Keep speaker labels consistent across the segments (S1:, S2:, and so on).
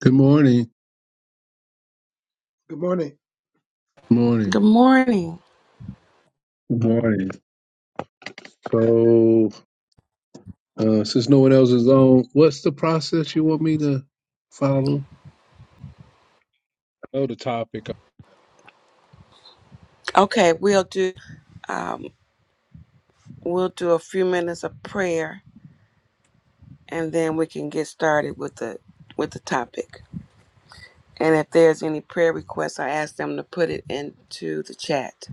S1: Good morning.
S2: Good morning.
S1: morning.
S3: Good morning.
S1: Good morning. So, uh, since no one else is on, what's the process you want me to follow? Oh, the topic.
S3: Okay, we'll do um, we'll do a few minutes of prayer, and then we can get started with the with the topic. And
S1: Okay.
S3: if there's any prayer requests, I ask them to put it into the chat,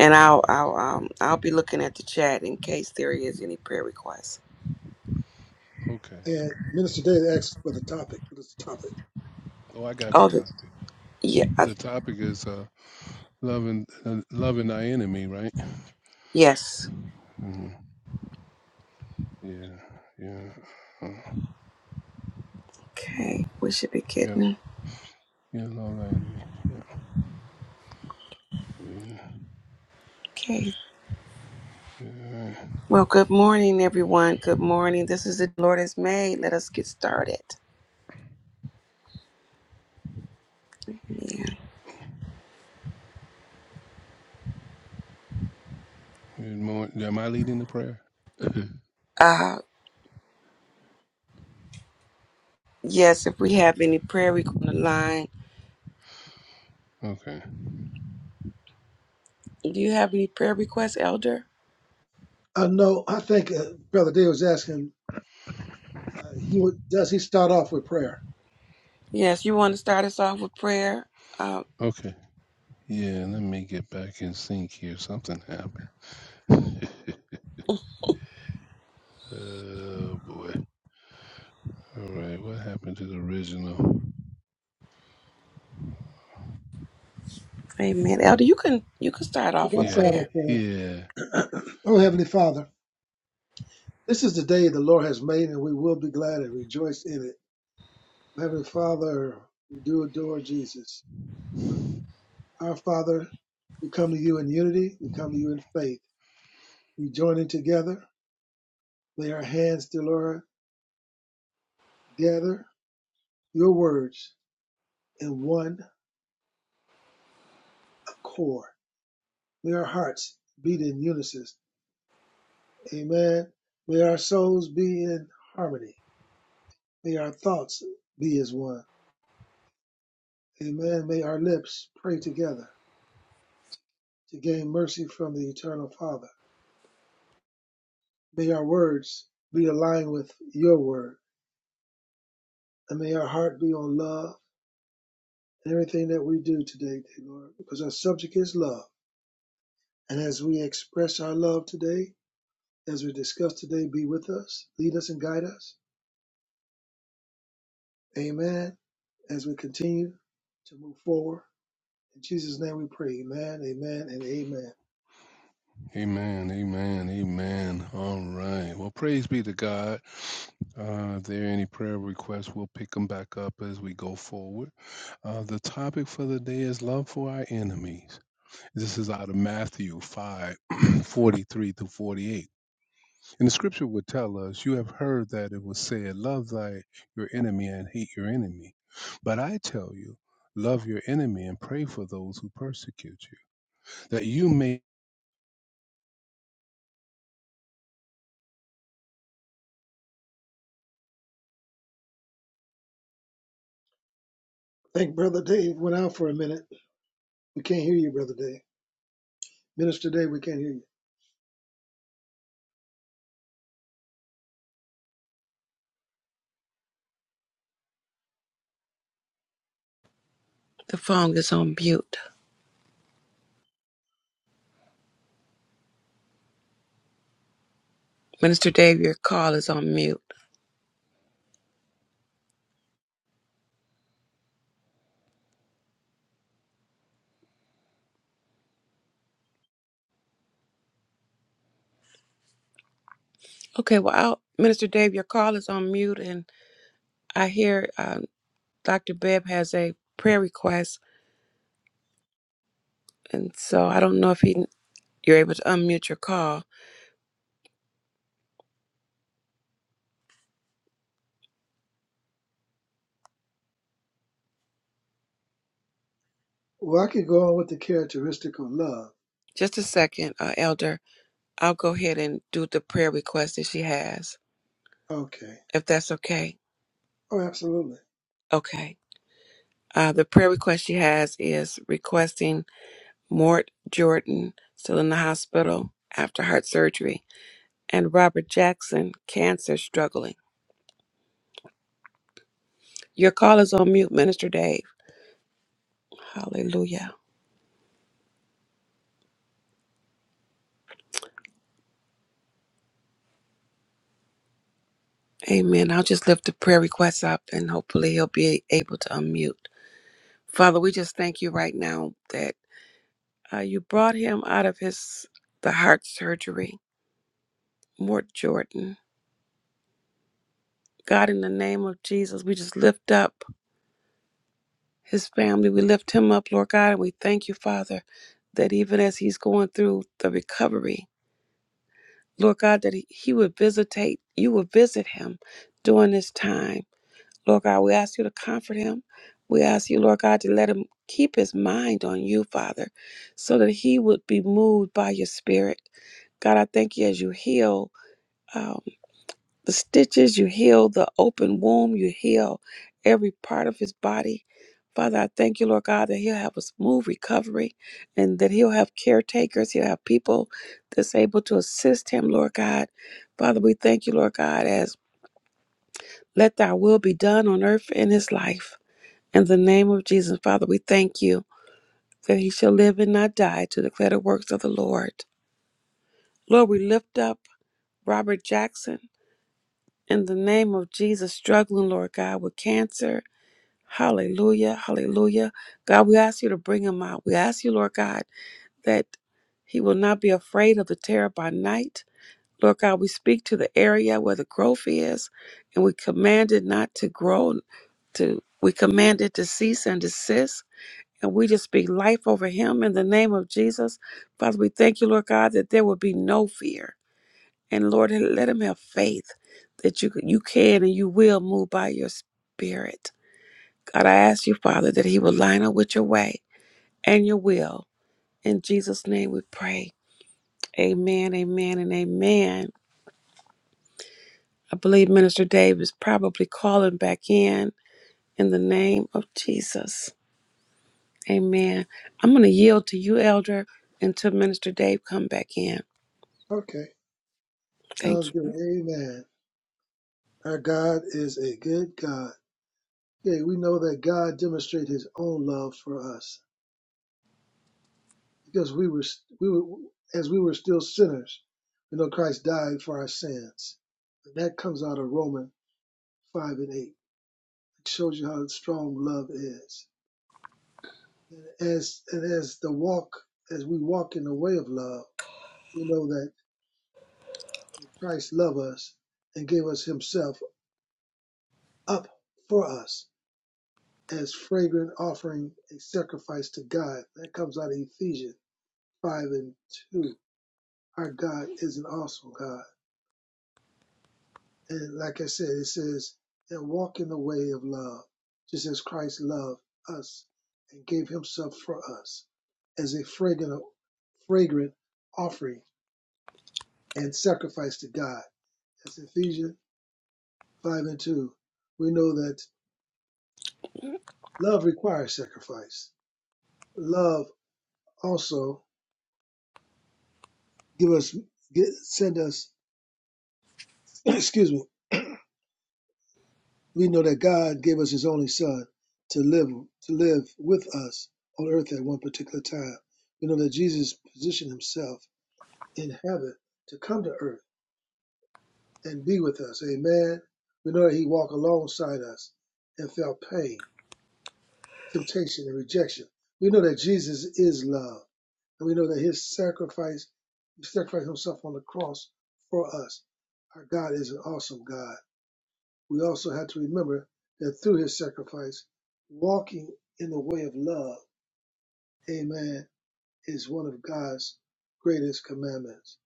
S3: and I'll
S1: Okay.
S3: I'll um, I'll be looking at the chat in case there is any prayer requests.
S1: Okay.
S2: And Minister David asked for the topic. What is the topic?
S1: Oh, I got the
S3: Oh, the,
S1: topic.
S3: yeah, I-
S1: The topic is uh, loving uh, loving thy enemy, right?
S3: yes.
S1: hmm Yeah. Yeah. Uh,
S3: Okay, we should be
S1: yeah.
S3: getting.
S1: Yeah. Love thy enemy. Yeah. Oh, Yeah.
S3: Okay.
S1: yeah. All right.
S3: Well, good morning, everyone. Good morning. This is the Lord has made. Let us get started. Yeah.
S1: Good morning. Am I leading the prayer?
S3: Uh, Yes, if we have any prayer requests on the line.
S1: okay.
S3: Do you have any prayer requests, Elder?
S2: I know, I think uh, Brother David was asking, uh, he would, does he start off with prayer?
S3: Yes, you want to start us off with prayer? Uh,
S1: Okay. Yeah, let me get back in sync here. Something happened. oh boy. All right, what happened to the original?
S3: amen. Elder, you can you can start
S2: Okay,
S3: off
S2: I'll
S3: with
S1: Yeah,
S2: start
S3: prayer.
S2: with prayer.
S1: yeah.
S2: Oh, Heavenly Father, this is the day the Lord has made, and we will be glad and rejoice in it. Heavenly Father, we do adore Jesus. Uh, our Father, we come to you in unity, we come to you in faith. We join in together, lay our hands, dear Lord, gather your words in one accord. May our hearts beat in unison. Amen. May our souls be in harmony. May our thoughts be as one. Amen. May our lips pray together to gain mercy from the eternal Father. May our words be aligned with your word. And may our heart be on love and everything that we do today, dear Lord, because our subject is love. And as we express our love today, as we discuss today, be with us, lead us and guide us. Amen. As we continue to move forward In Jesus' name we pray. Amen, amen, and amen.
S1: Amen, amen, amen. All right. Well, praise be to God. Uh, if there are any prayer requests, we'll pick them back up as we go forward. Uh, the topic for the day is love for our enemies. This is out of Matthew 5:43 43 through 48. And the scripture would tell us, You have heard that it was said, Love thy your enemy and hate your enemy. But I tell you, love your enemy and pray for those who persecute you, that you may.
S2: Thank Brother Dave. Went out for a minute. We can't hear you, Brother Dave. Minister Dave, we can't hear you.
S3: The phone is on mute. Minister Dave, your call is on mute. Okay, well, I'll, Minister Dave, your call is on mute, and I hear uh, Dr. Bebb has a prayer request, and so I don't know if he you're able to unmute your call.
S2: Well, I could go on with the characteristic of love.
S3: Just a second, uh, Elder. I'll go ahead and do the prayer request that she has,
S2: Okay.
S3: if that's okay.
S2: Oh, absolutely.
S3: Okay. Uh, the prayer request she has is requesting Mort Jordan, still in the hospital after heart surgery, and Robert Jackson, cancer struggling. Your call is on mute, Minister Dave. Hallelujah. Amen. I'll just lift the prayer requests up and hopefully he'll be able to unmute. Father, we just thank you right now that uh, you brought him out of his the heart surgery, Mort Jordan. God, in the name of Jesus, we just lift up. his family. We lift him up, Lord God, and we thank you, Father, that even as he's going through the recovery, Lord God, that he, he would visitate, you would visit him during this time. Lord God, we ask you to comfort him. We ask you, Lord God, to let him keep his mind on you, Father, so that he would be moved by your spirit. God, I thank you as you heal. uh, the stitches, you heal the open womb, you heal every part of his body. Father, I thank you, Lord God, that he'll have a smooth recovery and that he'll have caretakers, he'll have people that's able to assist him, Lord God. Father, we thank you, Lord God, as let thy will be done on earth in his life. In the name of Jesus, Father, we thank you that he shall live and not die to declare the works of the Lord. Lord, we lift up Robert Jackson in the name of Jesus, struggling, Lord God, with cancer Hallelujah. Hallelujah. God, we ask you to bring him out. We ask you, Lord God, that he will not be afraid of the terror by night. Lord God, we speak to the area where the growth is, and we command it not to grow, to we command it to cease and desist. And we just speak life over him in the name of Jesus. Father, we thank you, Lord God, that there will be no fear. And Lord, let him have faith that you you can and you will move by your spirit. God, I ask you, Father, that He will line up with your way and your will. In Jesus' name we pray. Amen, amen, and amen. I believe Minister Dave is probably calling back in in the name of Jesus. Amen. I'm going to yield to you, Elder, until Minister Dave come back in.
S2: Okay.
S3: Thank
S2: Sounds good.
S3: you.
S2: Amen. Our God is a good God. Okay, we know that God demonstrated his own love for us because we were, we were as we were still sinners, we know Christ died for our sins. And that comes out of Romans 5 and 8. shows you how strong love is. And as and as the walk, as we walk in the way of love, we know that Christ loved us and gave us Himself up for us as fragrant offering, a sacrifice to God. That comes out of Ephesians five and two. Our God is an awesome God. And like I said, it says, and walk in the way of love, just as Christ loved us and gave himself for us as a fragrant, fragrant offering and sacrifice to God. That's Ephesians 5 and 2. We know that love requires sacrifice. Love also give us, get, send us, excuse me, we know that God gave us His only Son to live to live with us on earth at one particular time. We know that Jesus positioned Himself in heaven to come to earth and be with us. Amen. We know that He walked alongside us and felt pain, temptation, and rejection. We know that Jesus is love, and we know that His sacrifice, He sacrificed Himself on the cross for us. Our God is an awesome God. We also have to remember that through his sacrifice, walking in the way of love, amen, is one of God's greatest commandments.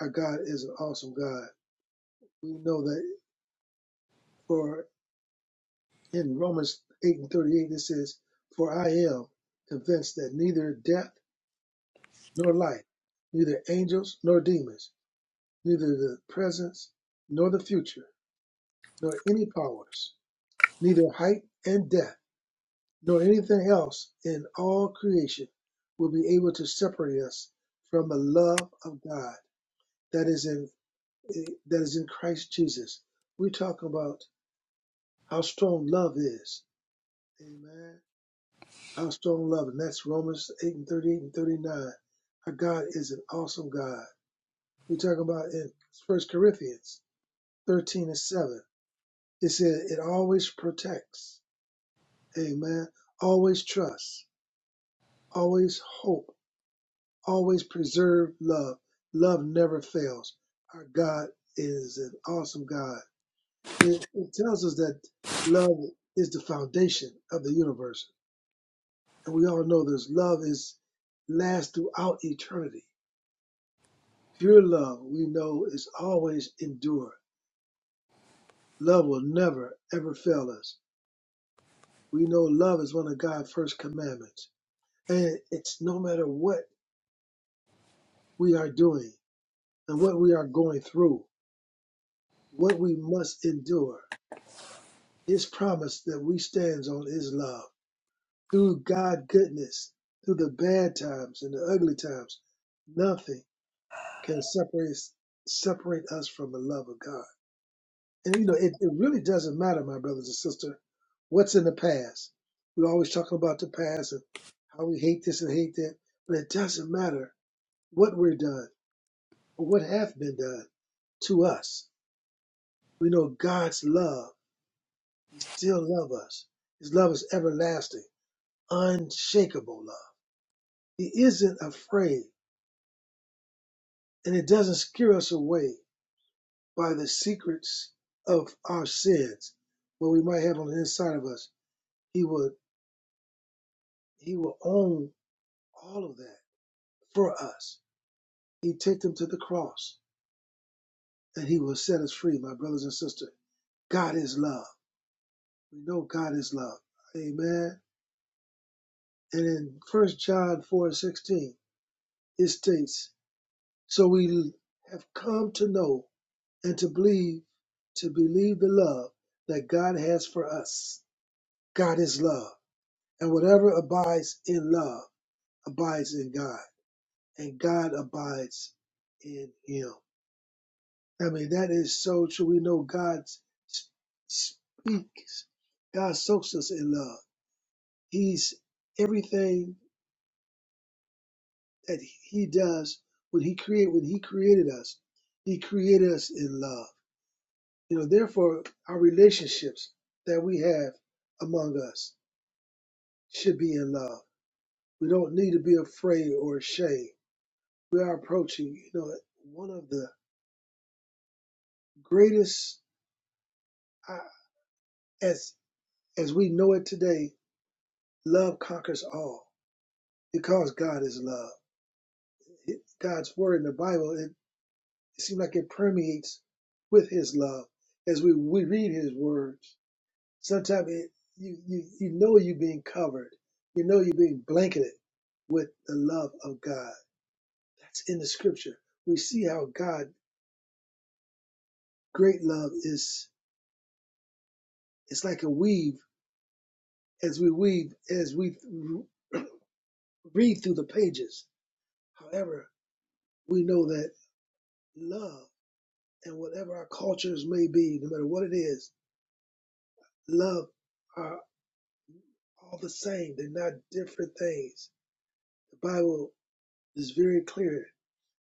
S2: Our God is an awesome God. We know that for in Romans 8 and 38, it says, For I am convinced that neither death nor life, neither angels nor demons, neither the presence nor the future, nor any powers, neither height and depth nor anything else in all creation will be able to separate us from the love of God that is in that is in Christ Jesus. We talk about how strong love is. Amen. How strong love, and that's Romans 8 and 38 and 39. Our God is an awesome God. We talk about in First Corinthians 13 and 7. It says it always protects. Amen. Always trusts. Always hope Always preserve love. Love never fails. Our God is an awesome God. It, it tells us that love is the foundation of the universe. And we all know this love is lasts throughout eternity. Pure love, we know, is always endure. Love will never, ever fail us. We know love is one of God's first commandments. And it's no matter what we are doing and what we are going through, what we must endure. His promise that we stands on is love. Through God goodness, through the bad times and the ugly times, nothing can separate us- separate us from the love of God. And you know, it, it really doesn't matter, my brothers and sisters, what's in the past. We're always talking about the past and how we hate this and hate that, but it doesn't matter what we're done or what have been done to us. We know God's love still love us. His love is everlasting, unshakable love. He isn't afraid, and it doesn't scare us away by the secrets of our sins, what we might have on the inside of us. He will He will own all of that for us. He took them to the cross, and He will set us free, my brothers and sisters. God is love. We know God is love. Amen. And in First John 4 16, it states, So we have come to know and to believe to believe the love that God has for us. God is love, and whatever abides in love abides in God, and God abides in Him. I mean, that is so true. We know God s- speaks. God soaks us in love. He's everything that He does when He create when He created us. He created us in love. You know, therefore, our relationships that we have among us should be in love. We don't need to be afraid or ashamed. We are approaching, you know, one of the greatest, uh, as as we know it today, love conquers all because God is love. It, God's word in the Bible, it, it seems like it permeates with His love as we, we read His words sometimes it, you, you you know you're being covered you know you're being blanketed with the love of god that's in the scripture we see how god great love is it's like a weave as we weave as we read through the pages however we know that love and whatever our cultures may be no matter what it is love are all the same they're not different things the bible is very clear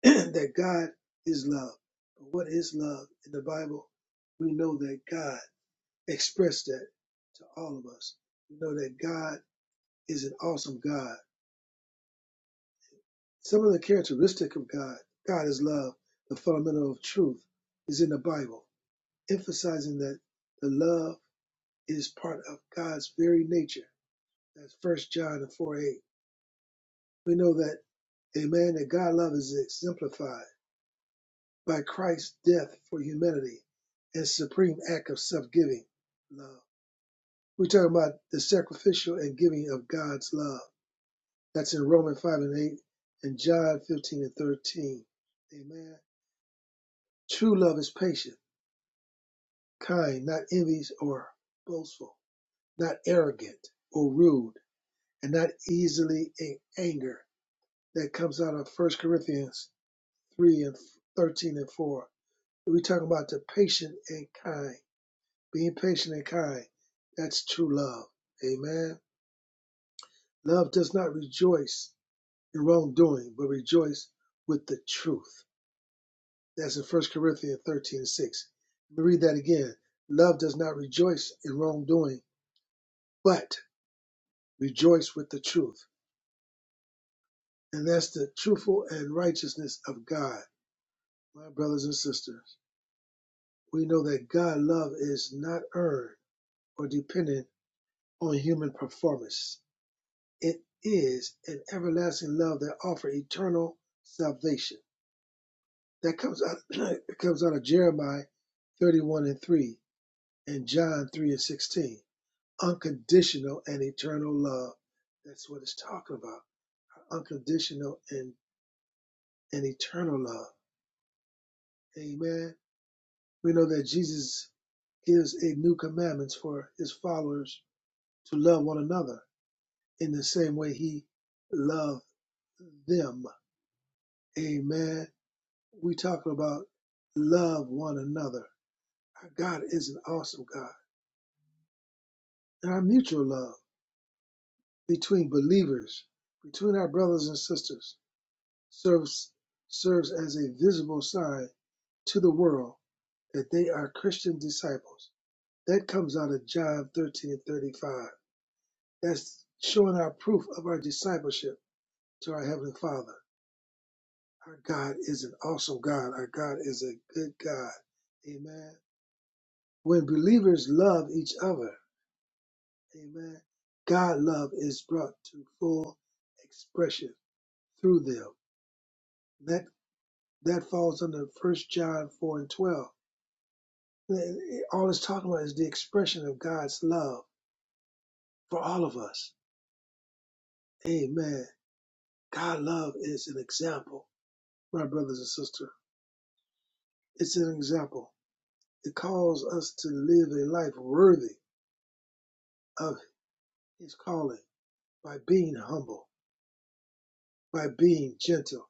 S2: that God is love. But what is love in the Bible? We know that God expressed that to all of us. We know that God is an awesome God. Some of the characteristic of God, God is love, the fundamental of truth, is in the Bible, emphasizing that the love is part of God's very nature. That's First John and 4 8. We know that, amen, that God love is exemplified. by Christ's death for humanity and supreme act of self-giving love. We're talking about the sacrificial and giving of God's love. That's in Romans 5 and 8 and John 15 and 13. Amen. True love is patient, kind, not envious or boastful, not arrogant or rude, and not easily in anger. That comes out of First Corinthians 3 and 13 and 4. We're talking about the patient and kind. Being patient and kind, that's true love. Amen. Love does not rejoice in wrongdoing, but rejoice with the truth. That's in First Corinthians 13 and 6. Let me read that again. Love does not rejoice in wrongdoing, but rejoice with the truth. And that's the truthful and righteousness of God. My brothers and sisters, we know that God's love is not earned or dependent on human performance It is an everlasting love that offers eternal salvation. That comes out, it comes out of Jeremiah 31 and 3 and John 3 and 16. Unconditional and eternal love. That's what it's talking about. Unconditional and, and eternal love. Amen. We know that Jesus gives a new commandments for his followers to love one another in the same way he loved them. Amen. we talking about love one another. Our God is an awesome God. And our mutual love between believers, between our brothers and sisters, serves serves as a visible sign to the world that they are Christian disciples. That comes out of John 13 35. That's showing our proof of our discipleship to our Heavenly Father. Our God is an awesome God. Our God is a good God. Amen. When believers love each other, Amen. God love is brought to full expression through them. That that falls under First John four and twelve. Eh, All it's talking about is the expression of God's love for all of us. Amen. God love is an example, my brothers and sisters. It's an example. It calls us to live a life worthy of His calling by being humble, by being gentle,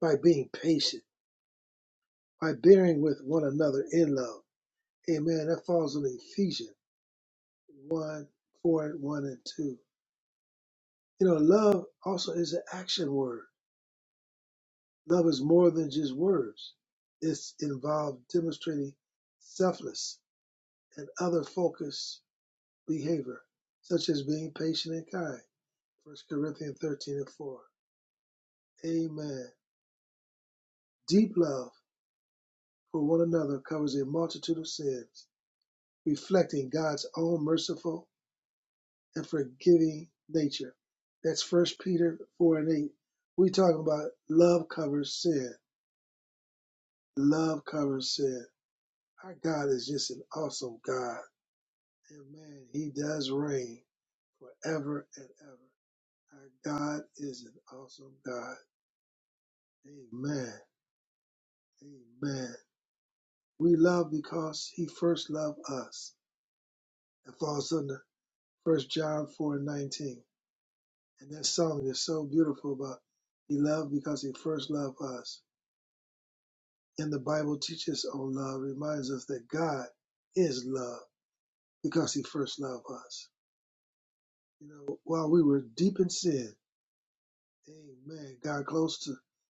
S2: by being patient, by bearing with one another in love Amen. That falls on Ephesians 1, 4, and 1 and 2. You know, love also is an action word. Love is more than just words. It's involved demonstrating selfless and other focused behavior, such as being patient and kind. First Corinthians 13 and 4. Amen. Deep love for one another covers a multitude of sins, reflecting God's own merciful and forgiving nature. That's First Peter four and eight. We talking about love covers sin. Love covers sin. Our God is just an awesome God, and man, He does reign forever and ever. Our God is an awesome God. Amen. Amen. We love because He first loved us. It falls under First John four and nineteen, and that song is so beautiful about He loved because He first loved us. And the Bible teaches on love, reminds us that God is love because he first loved us. You know, while we were deep in sin, amen, God close to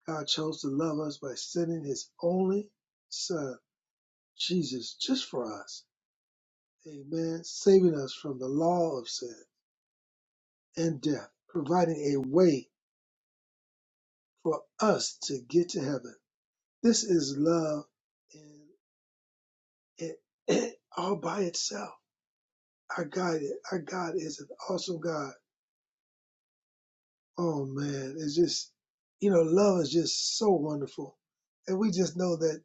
S2: God chose to love us by sending his only son, Jesus, just for us. Amen. Saving us from the law of sin and death, providing a way for us to get to heaven. This is love in it it all by itself. our God, our God is an awesome God. Oh man, it's just, you know, love is just so wonderful. And we just know that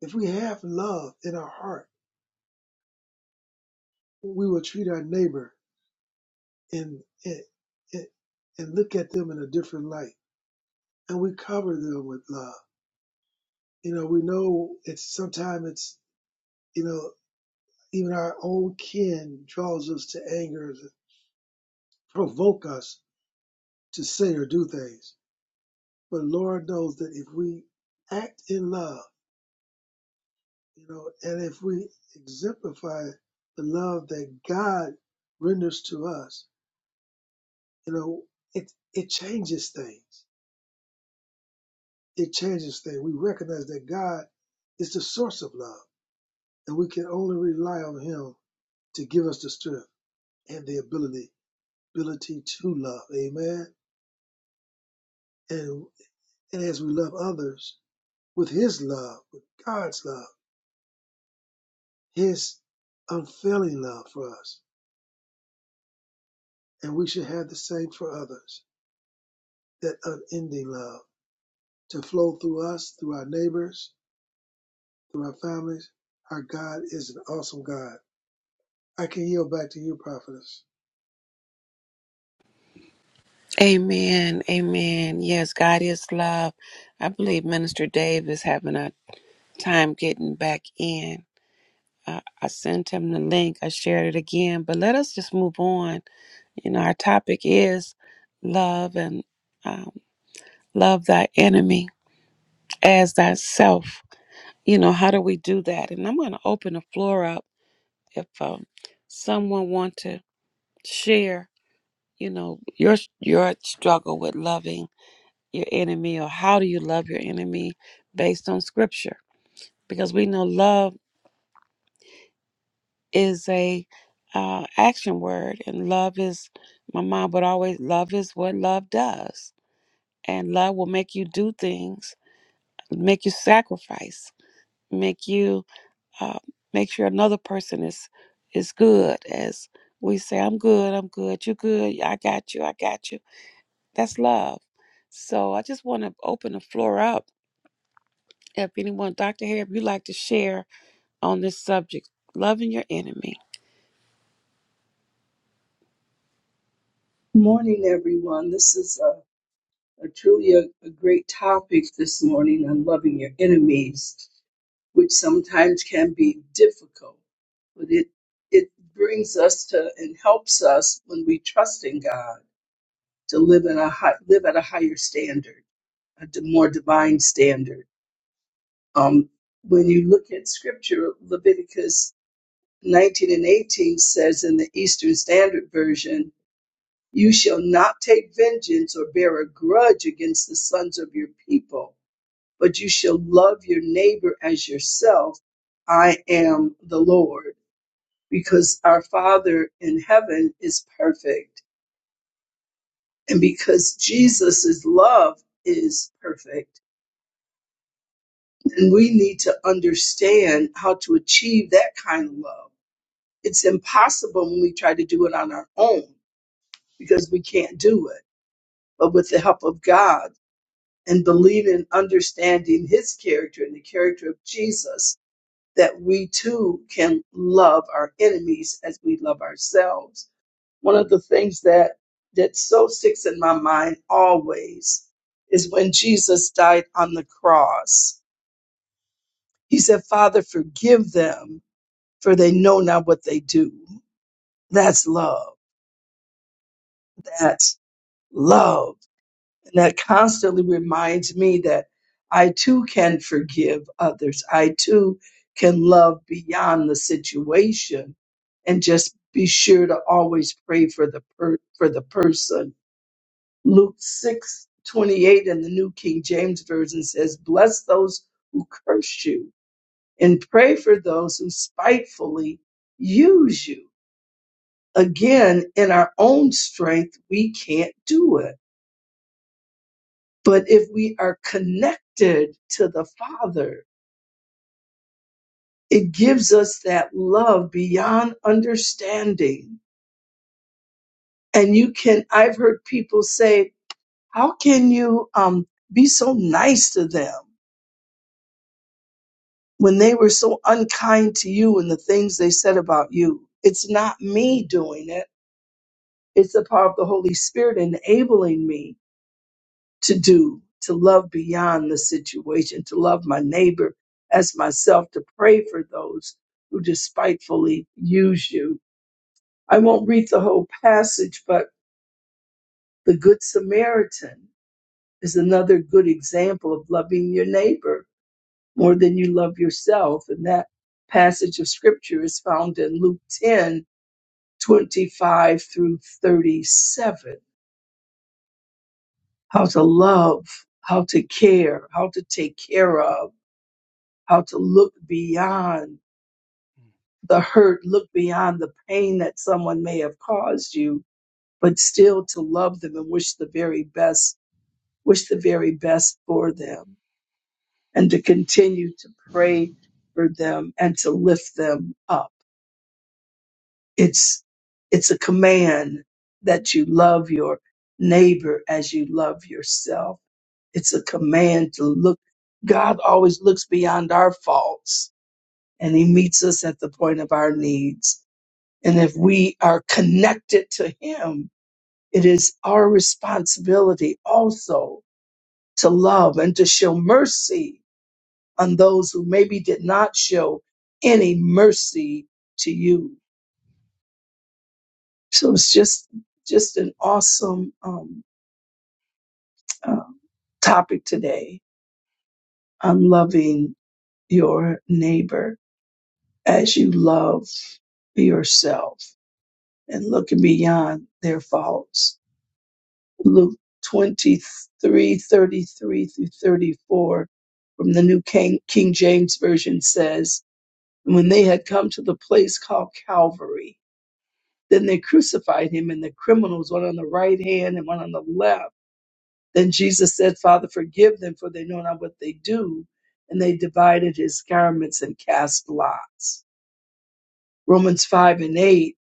S2: if we have love in our heart, we will treat our neighbor and, and, and and look at them in a different light. And we cover them with love. You know, we know it's sometimes it's, you know, even our own kin draws us to anger, provoke us to say or do things. But Lord knows that if we act in love, you know, and if we exemplify the love that God renders to us, you know, it it changes things. It changes things. We recognize that God is the source of love, and we can only rely on Him to give us the strength and the ability ability to love. Amen. And and as we love others with His love, with God's love, His unfailing love for us, and we should have the same for others. That unending love to flow through us, through our neighbors, through our families. Our God is an awesome God. I can yield back to you, prophetess.
S3: Amen, amen. Yes, God is love. I believe Minister Dave is having a time getting back in. I, I sent him the link. I shared it again. But let us just move on. You know, our topic is love and um, love thy enemy as thyself. You know, how do we do that? And I'm going to open the floor up if um, someone want to share. You know, your your struggle with loving your enemy, or how do you love your enemy based on Scripture? Because we know love. is a uh, action word, and love is. My mom would always love is what love does, and love will make you do things, make you sacrifice, make you uh, make sure another person is is good. As we say, I'm good, I'm good, you good, yeah, I got you, I got you. That's love. So I just want to open the floor up. If anyone, Dr. Harry, if you'd like to share on this subject, loving your enemy.
S4: Morning, everyone. This is a, a truly a, a great topic this morning on loving your enemies, which sometimes can be difficult, but it it brings us to and helps us when we trust in God to live in a high, live at a higher standard, a d- more divine standard. Um, when you look at Scripture, Leviticus 19 and 18 says in the Eastern Standard Version You shall not take vengeance or bear a grudge against the sons of your people, but you shall love your neighbor as yourself. I am the Lord, because our Father in heaven is perfect, and because Jesus' love is perfect. And we need to understand how to achieve that kind of love. It's impossible when we try to do it on our own because we can't do it. But with the help of God, and believe in understanding his character and the character of Jesus, that we too can love our enemies as we love ourselves. One of the things that that so sticks in my mind always is when Jesus died on the cross. He said, Father, forgive them, for they know not what they do. That's love. That's love And that constantly reminds me that I too can forgive others. I too can love beyond the situation and just be sure to always pray for the per- for the person. Luke 6 28 in the New King James Version says, Bless those who curse you and pray for those who spitefully use you. Again, in our own strength, we can't do it But if we are connected to the Father, it gives us that love beyond understanding. And you can, I've heard people say, how can you um, be so nice to them when they were so unkind to you and the things they said about you? It's not me doing it. It's the power of the Holy Spirit enabling me to do, to love beyond the situation, to love my neighbor as myself, to pray for those who despitefully use you. I won't read the whole passage, but the Good Samaritan is another good example of loving your neighbor more than you love yourself. And that passage of scripture is found in Luke 10 25 through 37. How to love, how to care, how to take care of how to look beyond the hurt, look beyond the pain that someone may have caused you, but still to love them and wish the very best, wish the very best for them and to continue to pray for them and to lift them up. It's, it's a command that you love your neighbor as you love yourself. It's a command to look. God always looks beyond our faults and he meets us at the point of our needs And if we are connected to Him, it is our responsibility also to love and to show mercy on those who maybe did not show any mercy to you. So it's just, just an awesome um, uh, topic today on loving your neighbor as you love yourself and looking beyond their faults Luke 23:33 through 34 from the New King, King James Version says, And when they had come to the place called Calvary, then they crucified him and the criminals, one on the right hand and one on the left. Then Jesus said, Father, forgive them, for they know not what they do. And they divided his garments and cast lots. Romans 5 and 8.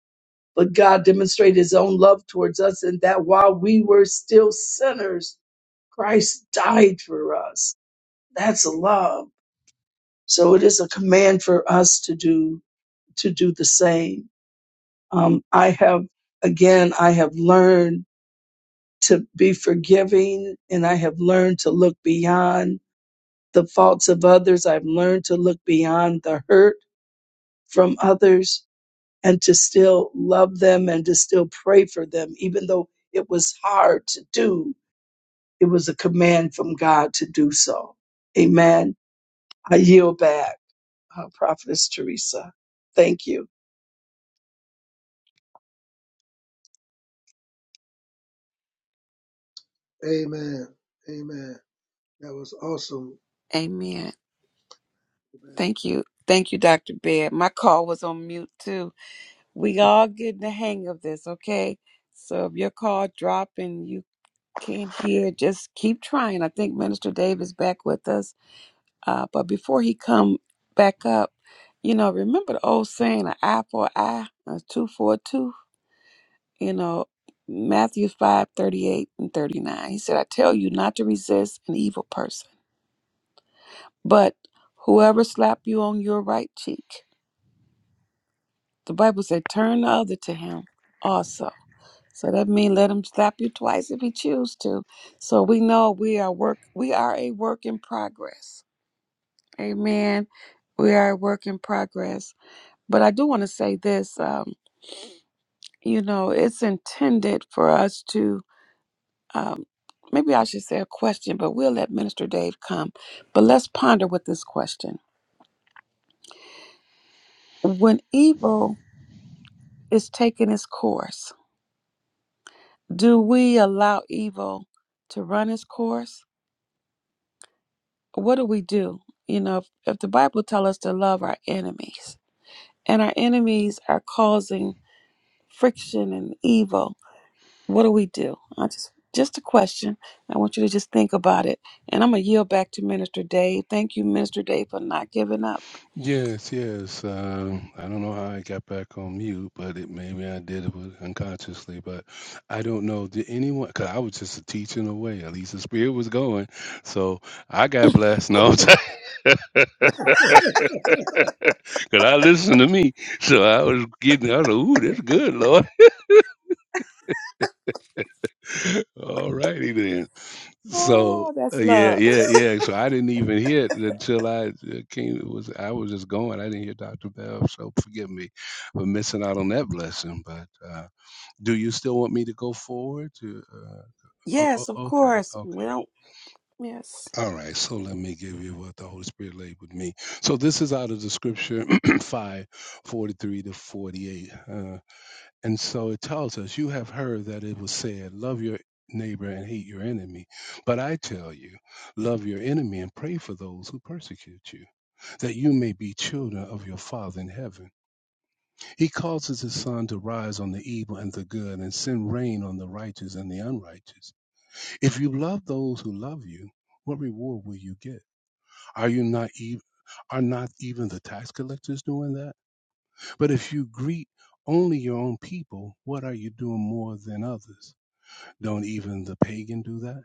S4: But God demonstrated his own love towards us, and that while we were still sinners, Christ died for us. That's love. So it is a command for us to do to do the same. Um, I have again, I have learned to be forgiving, and I have learned to look beyond the faults of others. I've learned to look beyond the hurt from others, and to still love them and to still pray for them, even though it was hard to do. It was a command from God to do so. Amen. I yield back. uh, Prophetess Teresa. Thank you.
S2: Amen. Amen. That was awesome.
S3: Amen.
S2: Amen.
S3: Thank you. Thank you, Dr. Baird. My call was on mute too. We all getting the hang of this, okay? So if your call drop and you can't hear, just keep trying. I think Minister Dave is back with us. Uh, but before he come back up, you know, remember the old saying, an eye for an eye, a two for a two? You know, Matthew 5 38 and 39. He said, I tell you not to resist an evil person, but whoever slap you on your right cheek, The Bible said, turn the other to him also. So that means let him slap you twice if he choose to. So we know we are work we are a work in progress. Amen. We are a work in progress. But I do want to say this, um, you know, it's intended for us to um maybe I should say a question, but we'll let Minister Dave come. But let's ponder with this question. When evil is taking its course, do we allow evil to run its course? what do we do? You know, if, if the Bible tells us to love our enemies and our enemies are causing friction and evil, what do we do? I just just a question. I want you to just think about it. And I'm gonna yield back to Minister Dave. Thank you, Minister Dave, for not giving up.
S1: Yes, yes. Um, I don't know how I got back on mute, but it maybe I did it with- unconsciously. But I don't know. Did anyone? Because I was just teaching away. At least the spirit was going. So I got blessed. No, because I listened to me. So I was getting. I was like, "Ooh, this is good, Lord." All righty then. So
S3: Oh,
S1: uh,
S3: that's
S1: yeah,
S3: love.
S1: yeah, yeah. So I didn't even hear it until I uh, came. It was I was just going. I didn't hear Dr. Bell, so forgive me for missing out on that blessing. But uh, do you still want me to go forward? To uh, oh, oh,
S3: Yes, of
S1: okay,
S3: course. We
S1: okay.
S3: don't yes.
S1: All right. So let me give you what the Holy Spirit laid with me. So this is out of the Scripture five forty three to forty eight. And so it tells us, You have heard that it was said, Love your neighbor and hate your enemy. But I tell you, love your enemy and pray for those who persecute you, that you may be children of your Father in heaven. He causes his sun to rise on the evil and the good, and send rain on the righteous and the unrighteous. If you love those who love you, what reward will you get? Are you not even are not even the tax collectors doing that? But if you greet only your own people, what are you doing more than others? Don't even the pagan do that?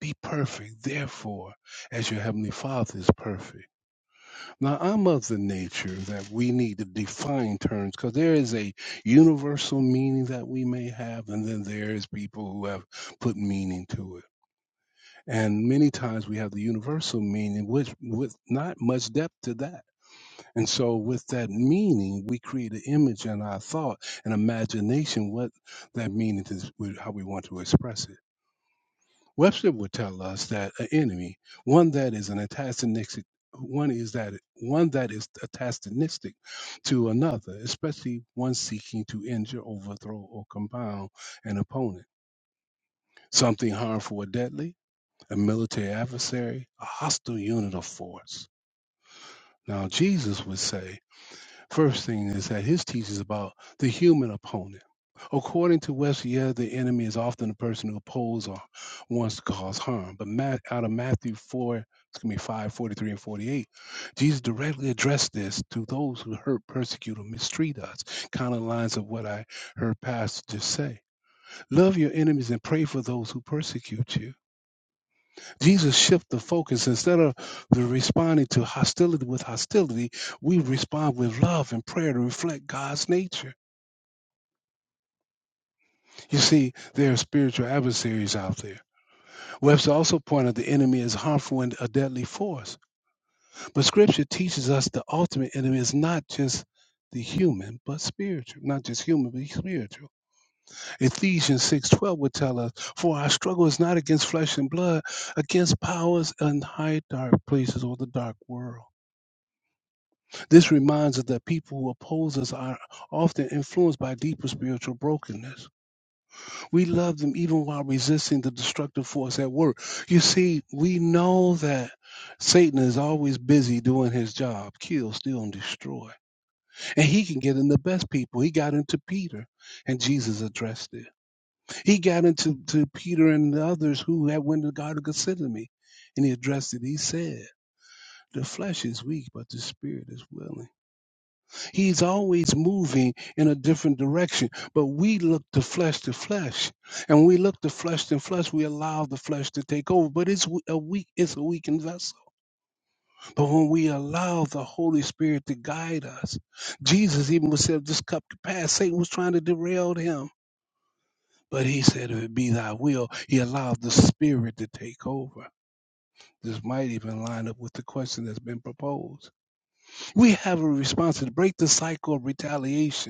S1: Be perfect, therefore, as your heavenly Father is perfect. Now, I'm of the nature that we need to define terms because there is a universal meaning that we may have, and then there is people who have put meaning to it. And many times we have the universal meaning, which with not much depth to that. And so, with that meaning, we create an image in our thought and imagination what that meaning is, how we want to express it. Webster would tell us that an enemy, one that is an antagonistic, one is that one that is antagonistic to another, especially one seeking to injure, overthrow, or compound an opponent, something harmful or deadly, a military adversary, a hostile unit of force. Now Jesus would say. First thing is that his teaching is about the human opponent. According to Westyer, the enemy is often the person who opposes or wants to cause harm. But Matt, out of Matthew 4, excuse me, 5, 43 and 48, Jesus directly addressed this to those who hurt, persecute, or mistreat us. Kind of lines of what I heard Pastor just say. Love your enemies and pray for those who persecute you. Jesus shift the focus. Instead of the responding to hostility with hostility, we respond with love and prayer to reflect God's nature. You see, there are spiritual adversaries out there. Webster also pointed out the enemy is harmful and a deadly force. But scripture teaches us the ultimate enemy is not just the human, but spiritual. Not just human, but spiritual. Ephesians 6.12 would tell us, for our struggle is not against flesh and blood, against powers and high dark places or the dark world This reminds us that people who oppose us are often influenced by deeper spiritual brokenness. We love them even while resisting the destructive force at work. You see, we know that Satan is always busy doing his job kill, steal, and destroy. And he can get in the best people. He got into Peter, and Jesus addressed it. He got into to Peter and the others who had went to the Garden of Gethsemane, and he addressed it. He said, The flesh is weak, but the spirit is willing. He's always moving in a different direction, but we look to flesh to flesh, and we look to flesh to flesh. We allow the flesh to take over, but it's w- a weak, it's a weakened vessel. But when we allow the Holy Spirit to guide us, Jesus even was said, "This cup could pass." Satan was trying to derail him, but he said, "If it be Thy will," he allowed the Spirit to take over. This might even line up with the question that's been proposed. We have a response to break the cycle of retaliation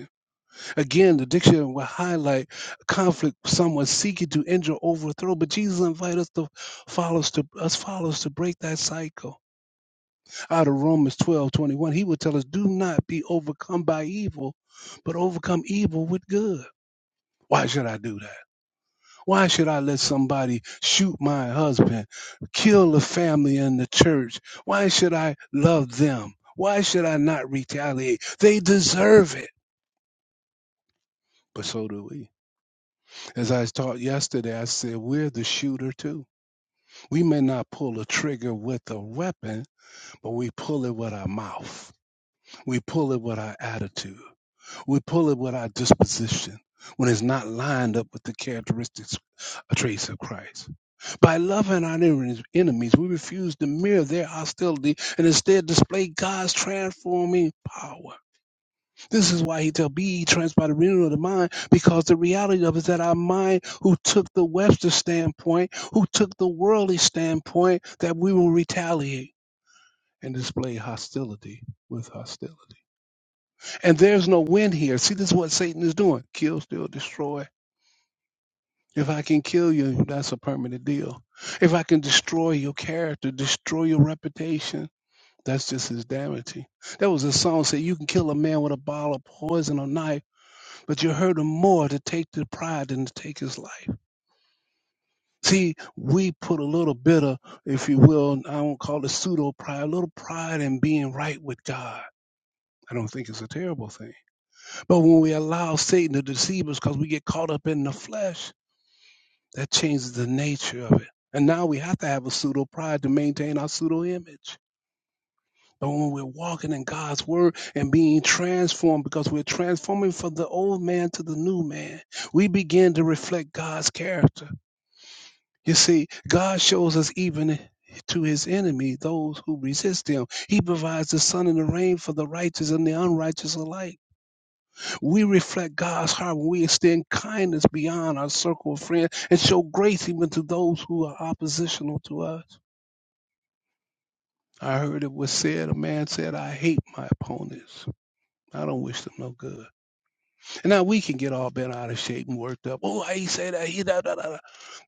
S1: Again, the dictionary will highlight conflict, someone seeking to injure, overthrow. But Jesus invites us to followers to us followers to break that cycle. Out of Romans 12 21, he would tell us, do not be overcome by evil, but overcome evil with good. Why should I do that? Why should I let somebody shoot my husband, kill the family in the church? Why should I love them? Why should I not retaliate? They deserve it. But so do we. As I taught yesterday, I said we're the shooter too. We may not pull a trigger with a weapon, but we pull it with our mouth. We pull it with our attitude. We pull it with our disposition when it's not lined up with the characteristics or traits of Christ. By loving our enemies, enemies, we refuse to mirror their hostility and instead display God's transforming power. This is why he tell be ye by the renewal of the mind, because the reality of it is that our mind, who took the Webster standpoint, who took the worldly standpoint, that we will retaliate and display hostility with hostility. And there's no win here. See, this is what Satan is doing. Kill, steal, destroy. If I can kill you, that's a permanent deal. If I can destroy your character, destroy your reputation, that's just his damaging. There was a song that said you can kill a man with a bottle of poison or knife but you hurt him more to take the pride than to take his life. See, we put a little bit of, if you will, I won't call it pseudo pride, a little pride in being right with God. I don't think it's a terrible thing. But when we allow Satan to deceive us because we get caught up in the flesh, that changes the nature of it. And now we have to have a pseudo pride to maintain our pseudo image. But when we're walking in God's word and being transformed, because we're transforming from the old man to the new man, we begin to reflect God's character You see, God shows us even to his enemy, those who resist him. He provides the sun and the rain for the righteous and the unrighteous alike. We reflect God's heart when we extend kindness beyond our circle of friends and show grace even to those who are oppositional to us. I heard it was said, a man said, I hate my opponents. I don't wish them no good. And now we can get all bent out of shape and worked up. Oh, I say that. He da, da, da, da.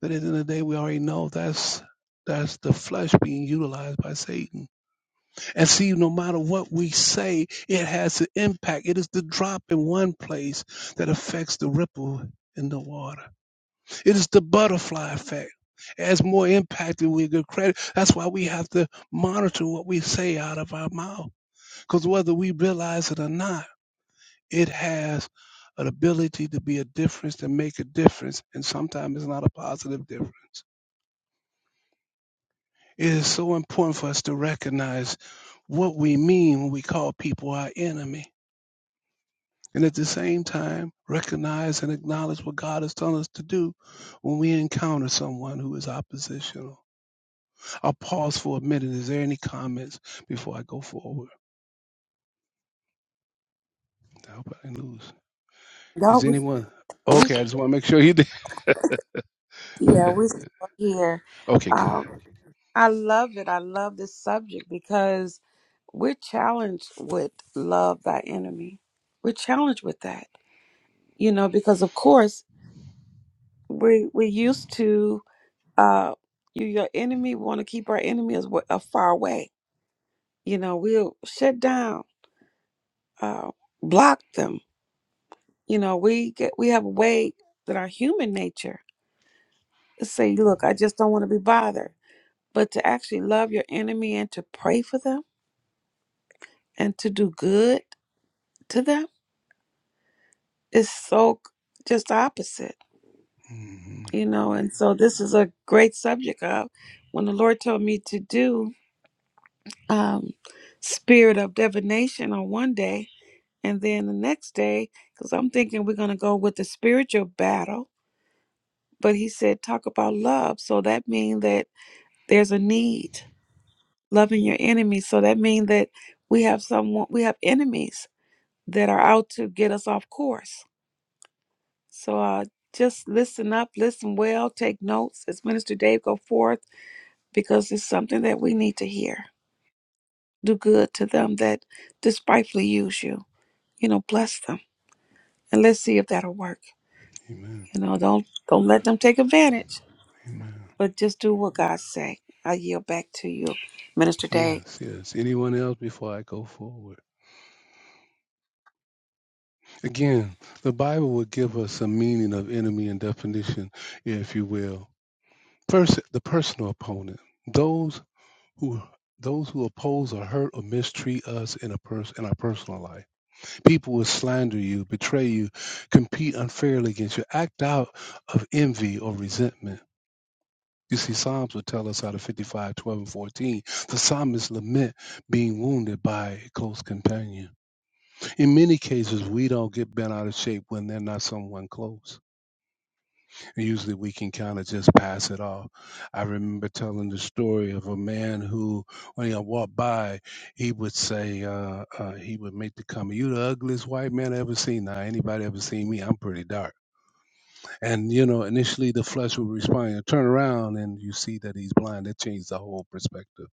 S1: But at the end of the day, we already know that's that's the flesh being utilized by Satan. And see, no matter what we say, it has an impact. It is the drop in one place that affects the ripple in the water. It is the butterfly effect. As more impacted we get credit. That's why we have to monitor what we say out of our mouth. Because whether we realize it or not, it has an ability to be a difference to make a difference, and sometimes it's not a positive difference. It is so important for us to recognize what we mean when we call people our enemy. And at the same time, recognize and acknowledge what God has told us to do when we encounter someone who is oppositional. I'll pause for a minute. Is there any comments before I go forward? I hope I didn't lose.
S3: No,
S1: Is
S3: we,
S1: anyone?
S3: we
S1: Okay, I just want to make sure you did.
S3: yeah, we're still here.
S1: okay, good.
S3: Um, I love it. I love this subject because we're challenged with love thy enemy. We're challenged with that, you know, because of course we we're used to uh you your enemy. We want to keep our enemy as wa- uh, far away. You know, we'll shut down, uh, block them. You know, we get we have a way that our human nature to say, look, I just don't want to be bothered. But to actually love your enemy and to pray for them and to do good to them It's so c- just opposite,
S1: hmm
S3: you know. And so this is a great subject. of when the Lord told me to do um, spirit of divination on one day, and then the next day, because I'm thinking we're gonna go with the spiritual battle, but He said talk about love. So that means that there's a need loving your enemies. So that means that we have someone, we have enemies that are out to get us off course So uh, just listen up, listen well, take notes as Minister Dave go forth, because it's something that we need to hear. Do good to them that despitefully use you. You know, bless them, and let's see if that'll work.
S1: Amen.
S3: You know, don't don't let them take advantage,
S1: Amen.
S3: but just do what God say. I yield back to you, Minister Dave.
S1: Yes, yes. Anyone else before I go forward? Again, the Bible will give us a meaning of enemy and definition, if you will. First, the personal opponent. Those who those who oppose or hurt or mistreat us in a pers- in our personal life. People will slander you, betray you, compete unfairly against you, act out of envy or resentment. You see, Psalms will tell us out of 55, 12, and 14, the psalmist lament being wounded by a close companion. in many cases, we don't get bent out of shape when they're not someone close. And usually we can kind of just pass it off. I remember telling the story of a man who, when he walked by, he would say, uh, uh, he would make the comment, You the ugliest white man I ever seen. Now, anybody ever seen me? I'm pretty dark. And, you know, initially the flesh would respond, You turn around and you see that he's blind. That changed the whole perspective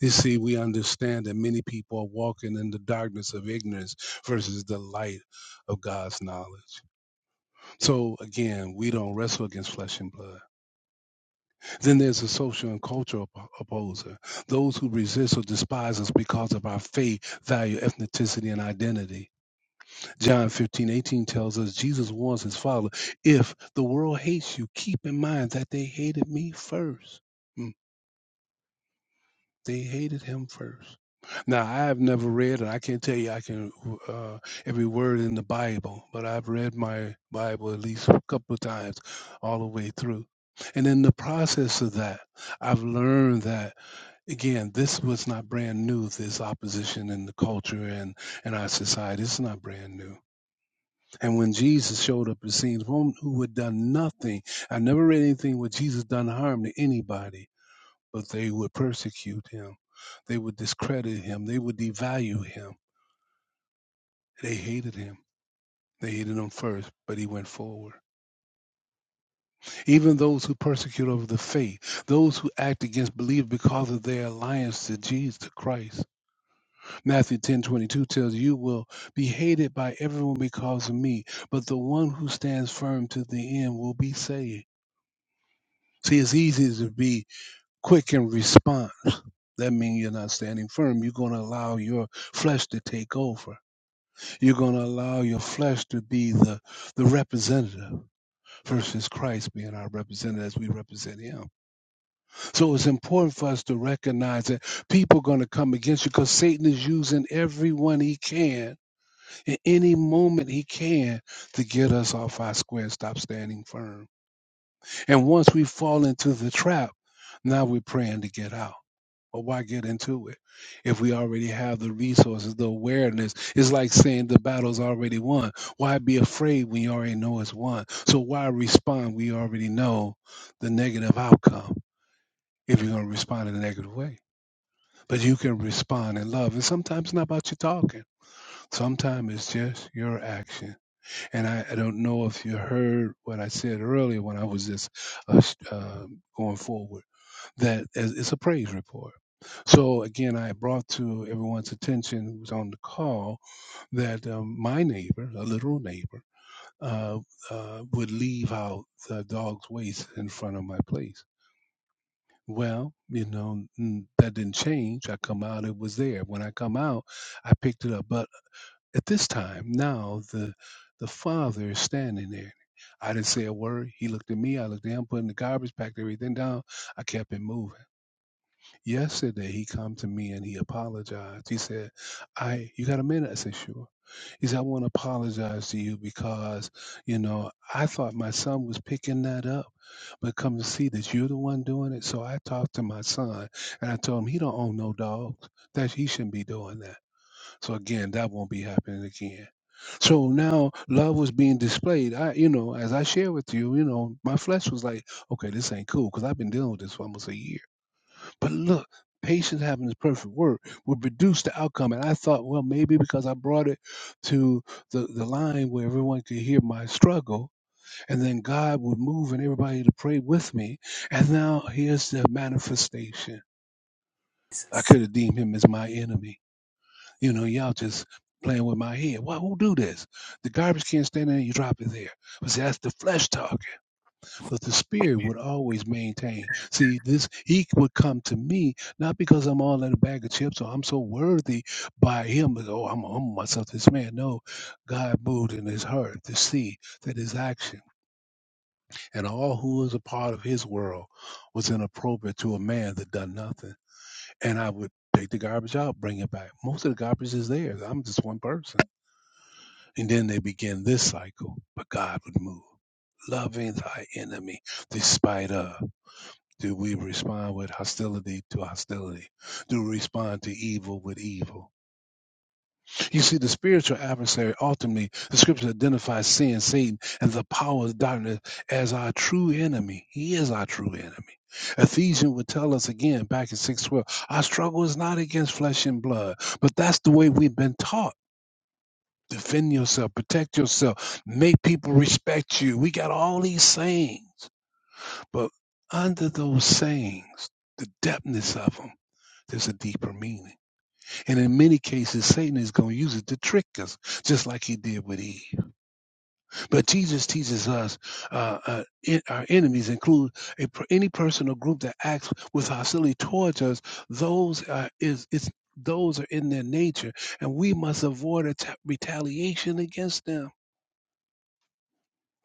S1: You see, we understand that many people are walking in the darkness of ignorance versus the light of God's knowledge. So again, we don't wrestle against flesh and blood. Then there's a social and cultural op- opposer, those who resist or despise us because of our faith, value, ethnicity, and identity. John 15:18 tells us Jesus warns his father, if the world hates you, keep in mind that they hated me first. Hmm. They hated him first. Now, I have never read, and I can't tell you I can uh, every word in the Bible, but I've read my Bible at least a couple of times all the way through. And in the process of that, I've learned that again, this was not brand new. This opposition in the culture and in our society, it's not brand new. And when Jesus showed up, it seems one who had done nothing. I never read anything where Jesus done harm to anybody but they would persecute him. They would discredit him. They would devalue him. They hated him. They hated him first, but he went forward. Even those who persecute over the faith, those who act against belief because of their alliance to Jesus to Christ. Matthew ten twenty two tells you "You will be hated by everyone because of me, but the one who stands firm to the end will be saved. See, it's easy to be quick in response. That means you're not standing firm. You're going to allow your flesh to take over You're going to allow your flesh to be the, the representative versus Christ being our representative as we represent him. So it's important for us to recognize that people are going to come against you because Satan is using everyone he can in any moment he can to get us off our square and stop standing firm. And once we fall into the trap, now we're praying to get out. Well, why get into it if we already have the resources, the awareness? It's like saying the battle's already won. Why be afraid when you already know it's won? So why respond? We already know the negative outcome if you're going to respond in a negative way. But you can respond in love. And sometimes it's not about you talking. Sometimes it's just your action. And I, I don't know if you heard what I said earlier when I was just uh, sh- uh, going forward that as it's a praise report. So again, I brought to everyone's attention who was on the call that um, my neighbor, a literal neighbor, uh, uh, would leave out the dog's waste in front of my place. Well, you know n- that didn't change. I come out, it was there. When I come out, I picked it up. But at this time, now the the father is standing there. I didn't say a word. He looked at me. I looked at him, putting the garbage, packed everything down. I kept it moving. Yesterday he come to me and he apologized. He said, I you got a minute? I said, sure. He said, I want to apologize to you because, you know, I thought my son was picking that up, but come to see that you're the one doing it. So I talked to my son and I told him he don't own no dogs. That he shouldn't be doing that. So again, that won't be happening again. So now love was being displayed. I, you know, as I share with you, you know, my flesh was like, okay, this ain't cool because I've been dealing with this for almost a year. But look, patience having the perfect work will produce the outcome. And I thought, well, maybe because I brought it to the, the line where everyone could hear my struggle, and then God would move and everybody to pray with me. And now here's the manifestation. I could have deemed him as my enemy. You know, y'all just playing with my head. Why who do this? The garbage can stand there, you drop it there. But see, that's the flesh talking but the spirit would always maintain. See, this he would come to me not because I'm all in a bag of chips or I'm so worthy by him. But, oh, I'm humble myself. This man, no, God moved in his heart to see that his action and all who was a part of his world was inappropriate to a man that done nothing. And I would take the garbage out, bring it back. Most of the garbage is theirs. I'm just one person. And then they begin this cycle, but God would move. Loving thy enemy despite of. Do we respond with hostility to hostility? Do we respond to evil with evil? You see, the spiritual adversary ultimately, the scripture identifies sin, Satan, and the power of darkness as our true enemy. He is our true enemy. Ephesians would tell us again back in 612, our struggle is not against flesh and blood, but that's the way we've been taught. Defend yourself, protect yourself, make people respect you. We got all these sayings, but under those sayings, the depthness of them. There's a deeper meaning. And in many cases, Satan is going to use it to trick us, just like he did with Eve. But Jesus teaches us uh, uh, in, our enemies include a, any person or group that acts with hostility towards us. Those are, is, it's, those are in their nature, and we must avoid atta retaliation against them.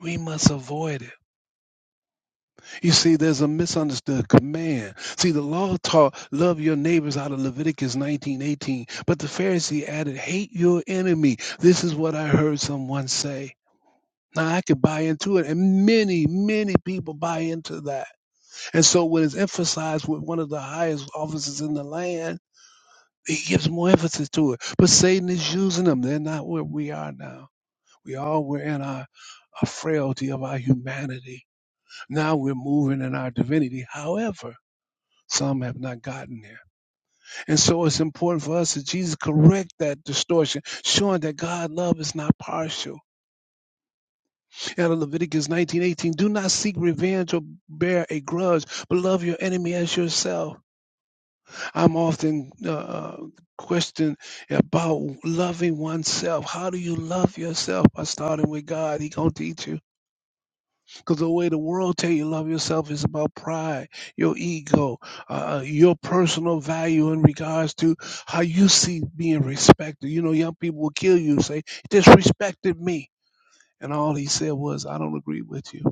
S1: We must avoid it. You see, there's a misunderstood command. See, the law taught love your neighbors out of Leviticus 19:18, but the Pharisee added, hate your enemy. This is what I heard someone say. Now I could buy into it, and many, many people buy into that. And so when it's emphasized with one of the highest offices in the land, he gives more emphasis to it. But Satan is using them. They're not where we are now. We all were in our, our frailty of our humanity. Now we're moving in our divinity. However, Some have not gotten there. And so it's important for us that Jesus correct that distortion, showing that God love is not partial. Out of Leviticus 19:18, do not seek revenge or bear a grudge, but love your enemy as yourself. I'm often uh, uh, questioned about loving oneself. How do you love yourself? By starting with God. He going to teach you. Because the way the world tell you love yourself is about pride, your ego, uh, uh, your personal value in regards to how you see being respected. You know, young people will kill you, say, disrespected me. And all he said was, I don't agree with you.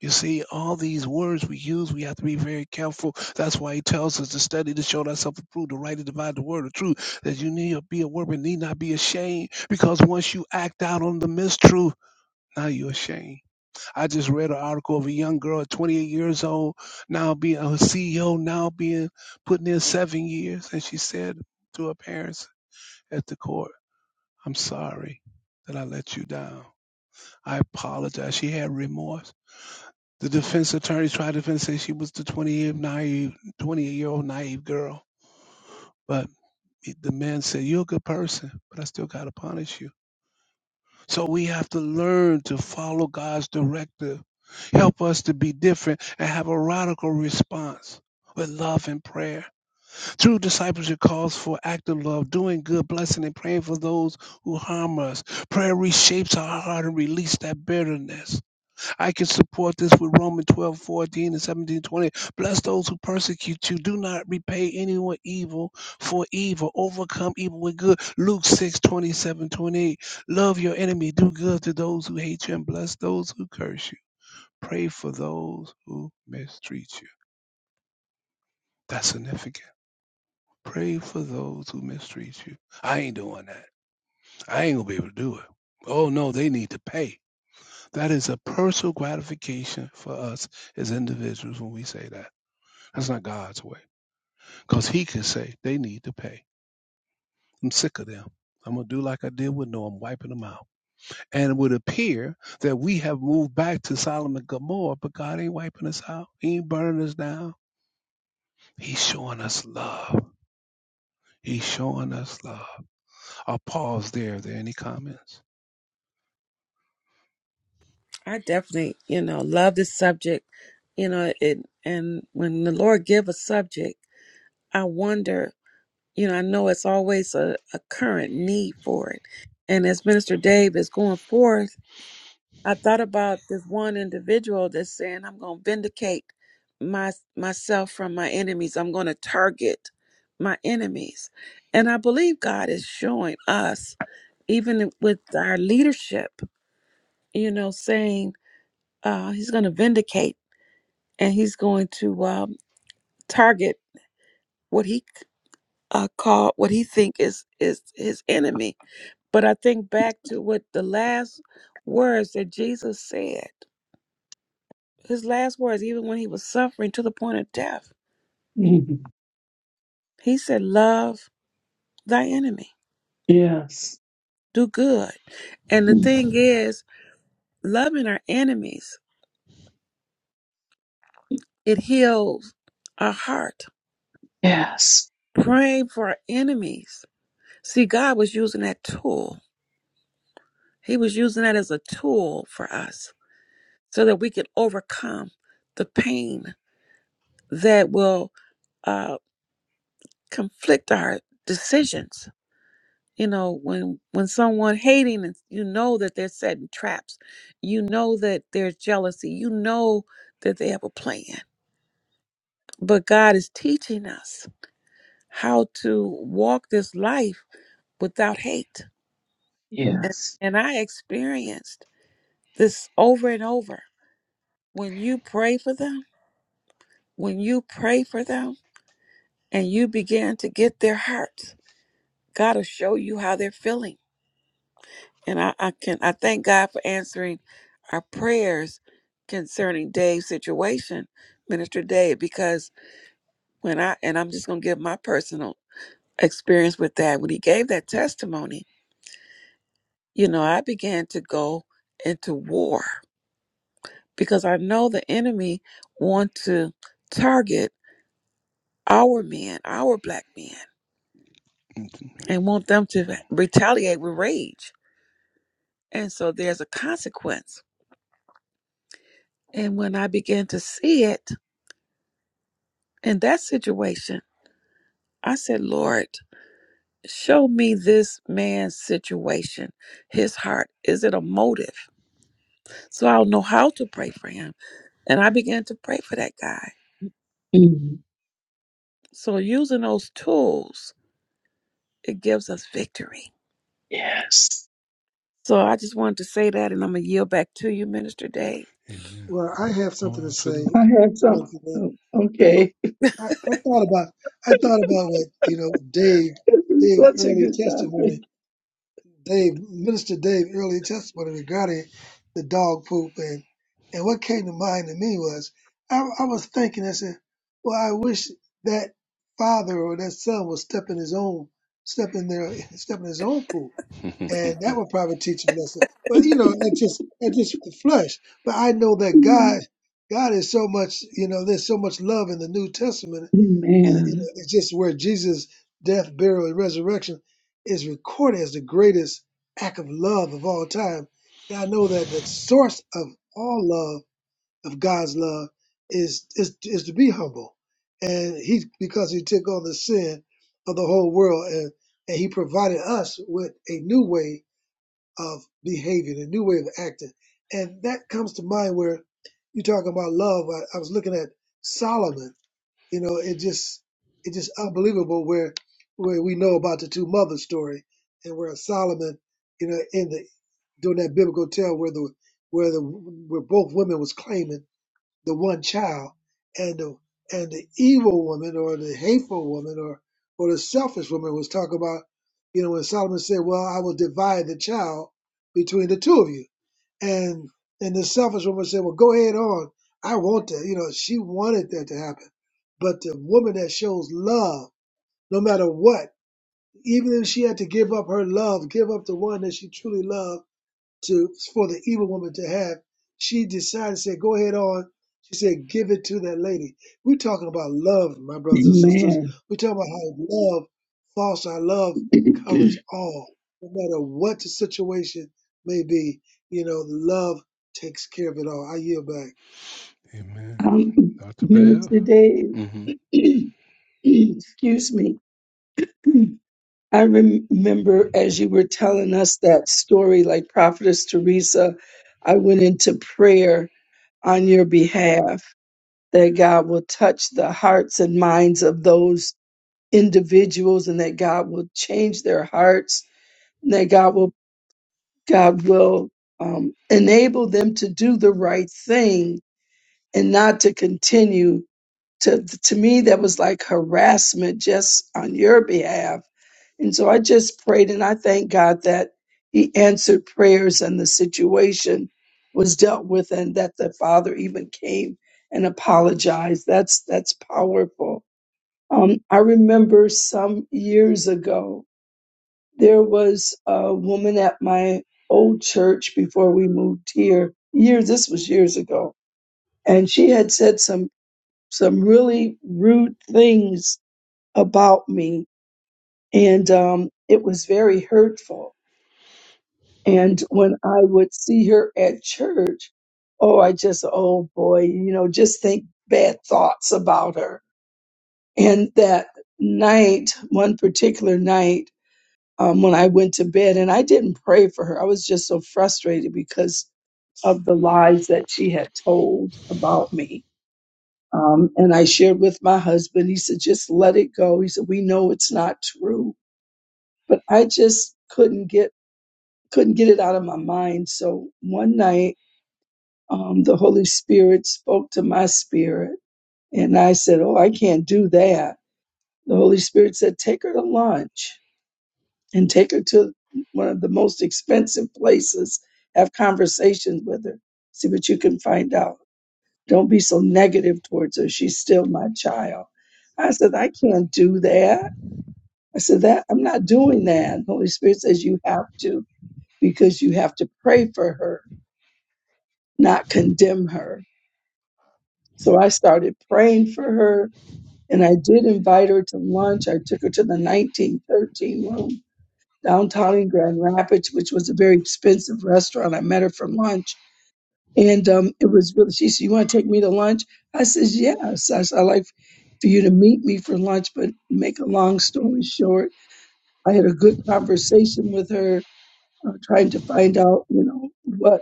S1: You see, all these words we use, we have to be very careful. That's why he tells us to study to show thyself approved, to rightly divide the word of truth, that you need to be a workman, need not be ashamed, because once you act out on the mistruth, now you're ashamed. I just read an article of a young girl, at 28 years old, now being a CEO, now being putting in seven years. And she said to her parents at the court, I'm sorry that I let you down. I apologize. She had remorse. The defense attorney tried to defend, say she was the 28 naive, 28 year old naive girl. But the man said, You're a good person, but I still got to punish you. So we have to learn to follow God's directive. Help us to be different and have a radical response with love and prayer. True discipleship calls for active love, doing good, blessing, and praying for those who harm us. Prayer reshapes our heart and release that bitterness. I can support this with Romans 12 14 and 17 20. Bless those who persecute you. Do not repay anyone evil for evil. Overcome evil with good. Luke 6, twenty-seven, twenty-eight. Love your enemy. Do good to those who hate you and bless those who curse you. Pray for those who mistreat you. That's significant. Pray for those who mistreat you. I ain't doing that. I ain't going to be able to do it. Oh no, they need to pay. That is a personal gratification for us as individuals when we say that. That's not God's way. Because he can say, they need to pay. I'm sick of them. I'm going to do like I did with Noah. I'm wiping them out. And it would appear that we have moved back to Solomon and Gomorrah, but God ain't wiping us out. He ain't burning us down. He's showing us love. He's showing us love. I'll pause there. Are there any comments?
S3: I definitely, you know, love this subject. You know, it and when the Lord give a subject, I wonder you know, I know it's always a, a current need for it. And as Minister Dave is going forth, I thought about this one individual that's saying, I'm going to vindicate my myself from my enemies. I'm going to target my enemies. And I believe God is showing us, even with our leadership, you know, saying uh, he's going to vindicate and he's going to um, target what he uh, called, what he think is, is his enemy But I think back to what the last words that Jesus said, his last words, even when he was suffering to the point of death,
S4: Mhm.
S3: he said, Love thy enemy,
S4: Yes.
S3: do good. And the
S4: Mhm.
S3: thing is, loving our enemies, it heals our heart.
S4: Yes.
S3: Praying for our enemies. See, God was using that tool. He was using that as a tool for us so that we could overcome the pain that will uh, conflict our decisions you know when when someone hating is- you know that they're setting traps you know that there's jealousy you know that they have a plan but god is teaching us how to walk this life without hate and,
S4: Yes.
S3: and i experienced this over and over when you pray for them when you pray for them and you begin to get their hearts god will show you how they're feeling And I, I can I thank God for answering our prayers concerning Dave's situation, Minister Dave, because when I and I'm just gonna give my personal experience with that, when he gave that testimony, you know, I began to go into war because I know the enemy want to target our men, our black men, and want them to retaliate with rage. And so there's a consequence. And when I began to see it in that situation, I said, Lord, show me this man's situation, his heart. Is it a motive? So I'll know how to pray for him. And I began to pray for that guy.
S4: Mhm.
S3: So using those tools, it gives us victory.
S4: Yes.
S3: So I just wanted to say that, and I'm going to yield back to you, Minister Dave.
S1: Amen.
S2: Well, I have
S1: Oh,
S2: something to say.
S4: I
S1: absolutely.
S4: had
S2: Thank
S4: some.
S2: you,
S4: oh,
S2: You know,
S4: okay.
S2: I, I thought about I thought about what you know Dave
S4: It's
S2: Dave's
S4: Such a
S2: early
S4: good topic.
S2: testimony Dave, Minister Dave, early testimony regarding the dog poop, and and what came to mind to me was I, I was thinking, I said, well, I wish that father or that son would step in his own, step in their, step in his own poop, and that would probably teach him a lesson. But you know, it just, it just the flesh. But I know that
S4: Mhm.
S2: God, God is so much, you know, there's so much love in the New Testament it- it-
S4: Amen.
S2: it's just where Jesus' death, burial, and resurrection is recorded as the greatest act of love of all time. And I know that the source of all love, of God's love, is is, is to be humble. And he because he took on the sin of the whole world and, and he provided us with a new way of behaving, a new way of acting. And that comes to mind where you talking about love. I, I was looking at Solomon you know, it just it just unbelievable where where we know about the two mothers story and where Solomon, you know, in the during that biblical tale where the where the where both women was claiming the one child and the and the evil woman or the hateful woman or or the selfish woman was talking about you know when solomon said well i will divide the child between the two of you and and the selfish woman said well go ahead on i want that you know she wanted that to happen but the woman that shows love no matter what even if she had to give up her love give up the one that she truly loved to for the evil woman to have, she decided Said, "Go ahead on." She said, "Give it to that lady." We're talking about love, my brothers and sisters.
S4: Amen.
S2: We're talking about how love, false our love, covers all, no matter what the situation may be. You know, love takes care of it all. I yield back.
S1: Amen.
S4: um,
S1: Dr. Bev?
S4: Minister Dave,
S1: hmm
S4: excuse me. I remember as you were telling us that story, like Prophetess Teresa, I went into prayer on your behalf that God will touch the hearts and minds of those individuals and that God will change their hearts and that God will God will um, enable them to do the right thing and not to continue to to me that was like harassment just on your behalf and so i just prayed and i thank god that he answered prayers and the situation was dealt with and that the father even came and apologized that's that's powerful um, i remember some years ago there was a woman at my old church before we moved here years this was years ago and she had said some some really rude things about me, and um, it was very hurtful. And when I would see her at church, oh, I just, oh boy, you know, just think bad thoughts about her. And that night, one particular night, um, when I went to bed, and I didn't pray for her, I was just so frustrated because of the lies that she had told about me Um, and I shared with my husband, he said, just let it go. He said, we know it's not true, but I just couldn't get, couldn't get it out of my mind. So one night, um, the Holy Spirit spoke to my spirit and I said, Oh, I can't do that. The Holy Spirit said, take her to lunch and take her to one of the most expensive places, have conversations with her, see what you can find out. Don't be so negative towards her. She's still my child. I said, I can't do that. I said, that I'm not doing that. And Holy Spirit says you have to because you have to pray for her, not condemn her. So I started praying for her and I did invite her to lunch. I took her to the 1913 room downtown in Grand Rapids, which was a very expensive restaurant. I met her for lunch And um, it was really, she said, You want to take me to lunch? I says, Yes. I said, I like for you to meet me for lunch, but make a long story short, I had a good conversation with her, uh, trying to find out, you know, what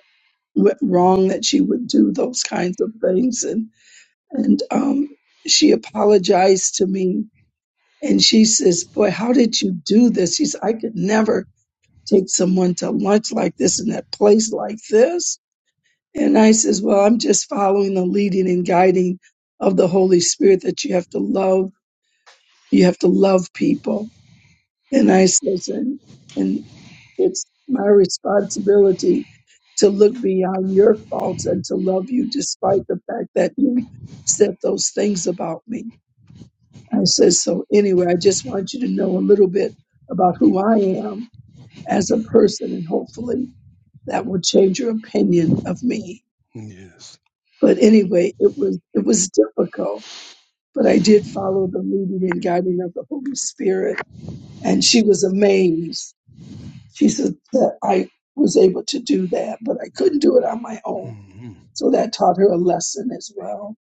S4: went wrong that she would do those kinds of things. And, and um, she apologized to me. And she says, Boy, how did you do this? She said, I could never take someone to lunch like this in that place like this and I says, Well, I'm just following the leading and guiding of the Holy Spirit that you have to love, you have to love people. And I says, and, and it's my responsibility to look beyond your faults and to love you despite the fact that you said those things about me. I says, so anyway, I just want you to know a little bit about who I am as a person and hopefully that will change your opinion of me.
S1: Yes.
S4: But anyway, it was it was difficult, but I did follow the leading and guiding of the Holy Spirit, and she was amazed. She said that I was able to do that, but I couldn't do it on my own.
S1: hmm
S4: So that taught her a lesson as well.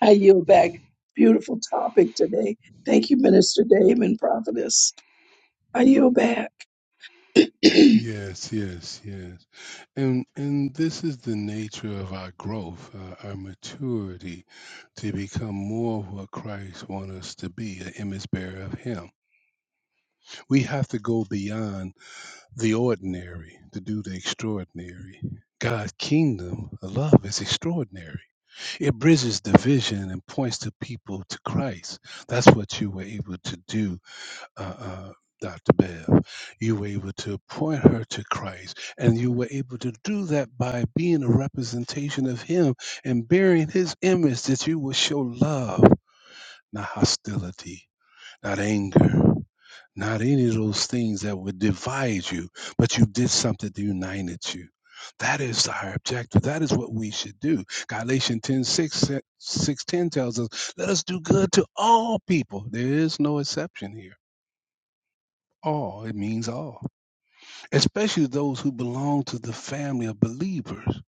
S4: I yield back. Beautiful topic today. Thank you, Minister Dave and Prophetess. I yield back.
S1: Yes, yes, yes. And and this is the nature of our growth, uh, our maturity, to become more of what Christ wants us to be, an image bearer of Him. We have to go beyond the ordinary to do the extraordinary. God's kingdom of love is extraordinary. It bridges division and points to people to Christ. That's what you were able to do uh, uh, Dr. Bev. You were able to point her to Christ, and you were able to do that by being a representation of Him and bearing His image, that you will show love, not hostility, not anger, not any of those things that would divide you, but you did something that united you. That is our objective. That is what we should do. Galatians 10 6 six 10 tells us, Let us do good to all people. There is no exception here all. It means all, especially those who belong to the family of believers.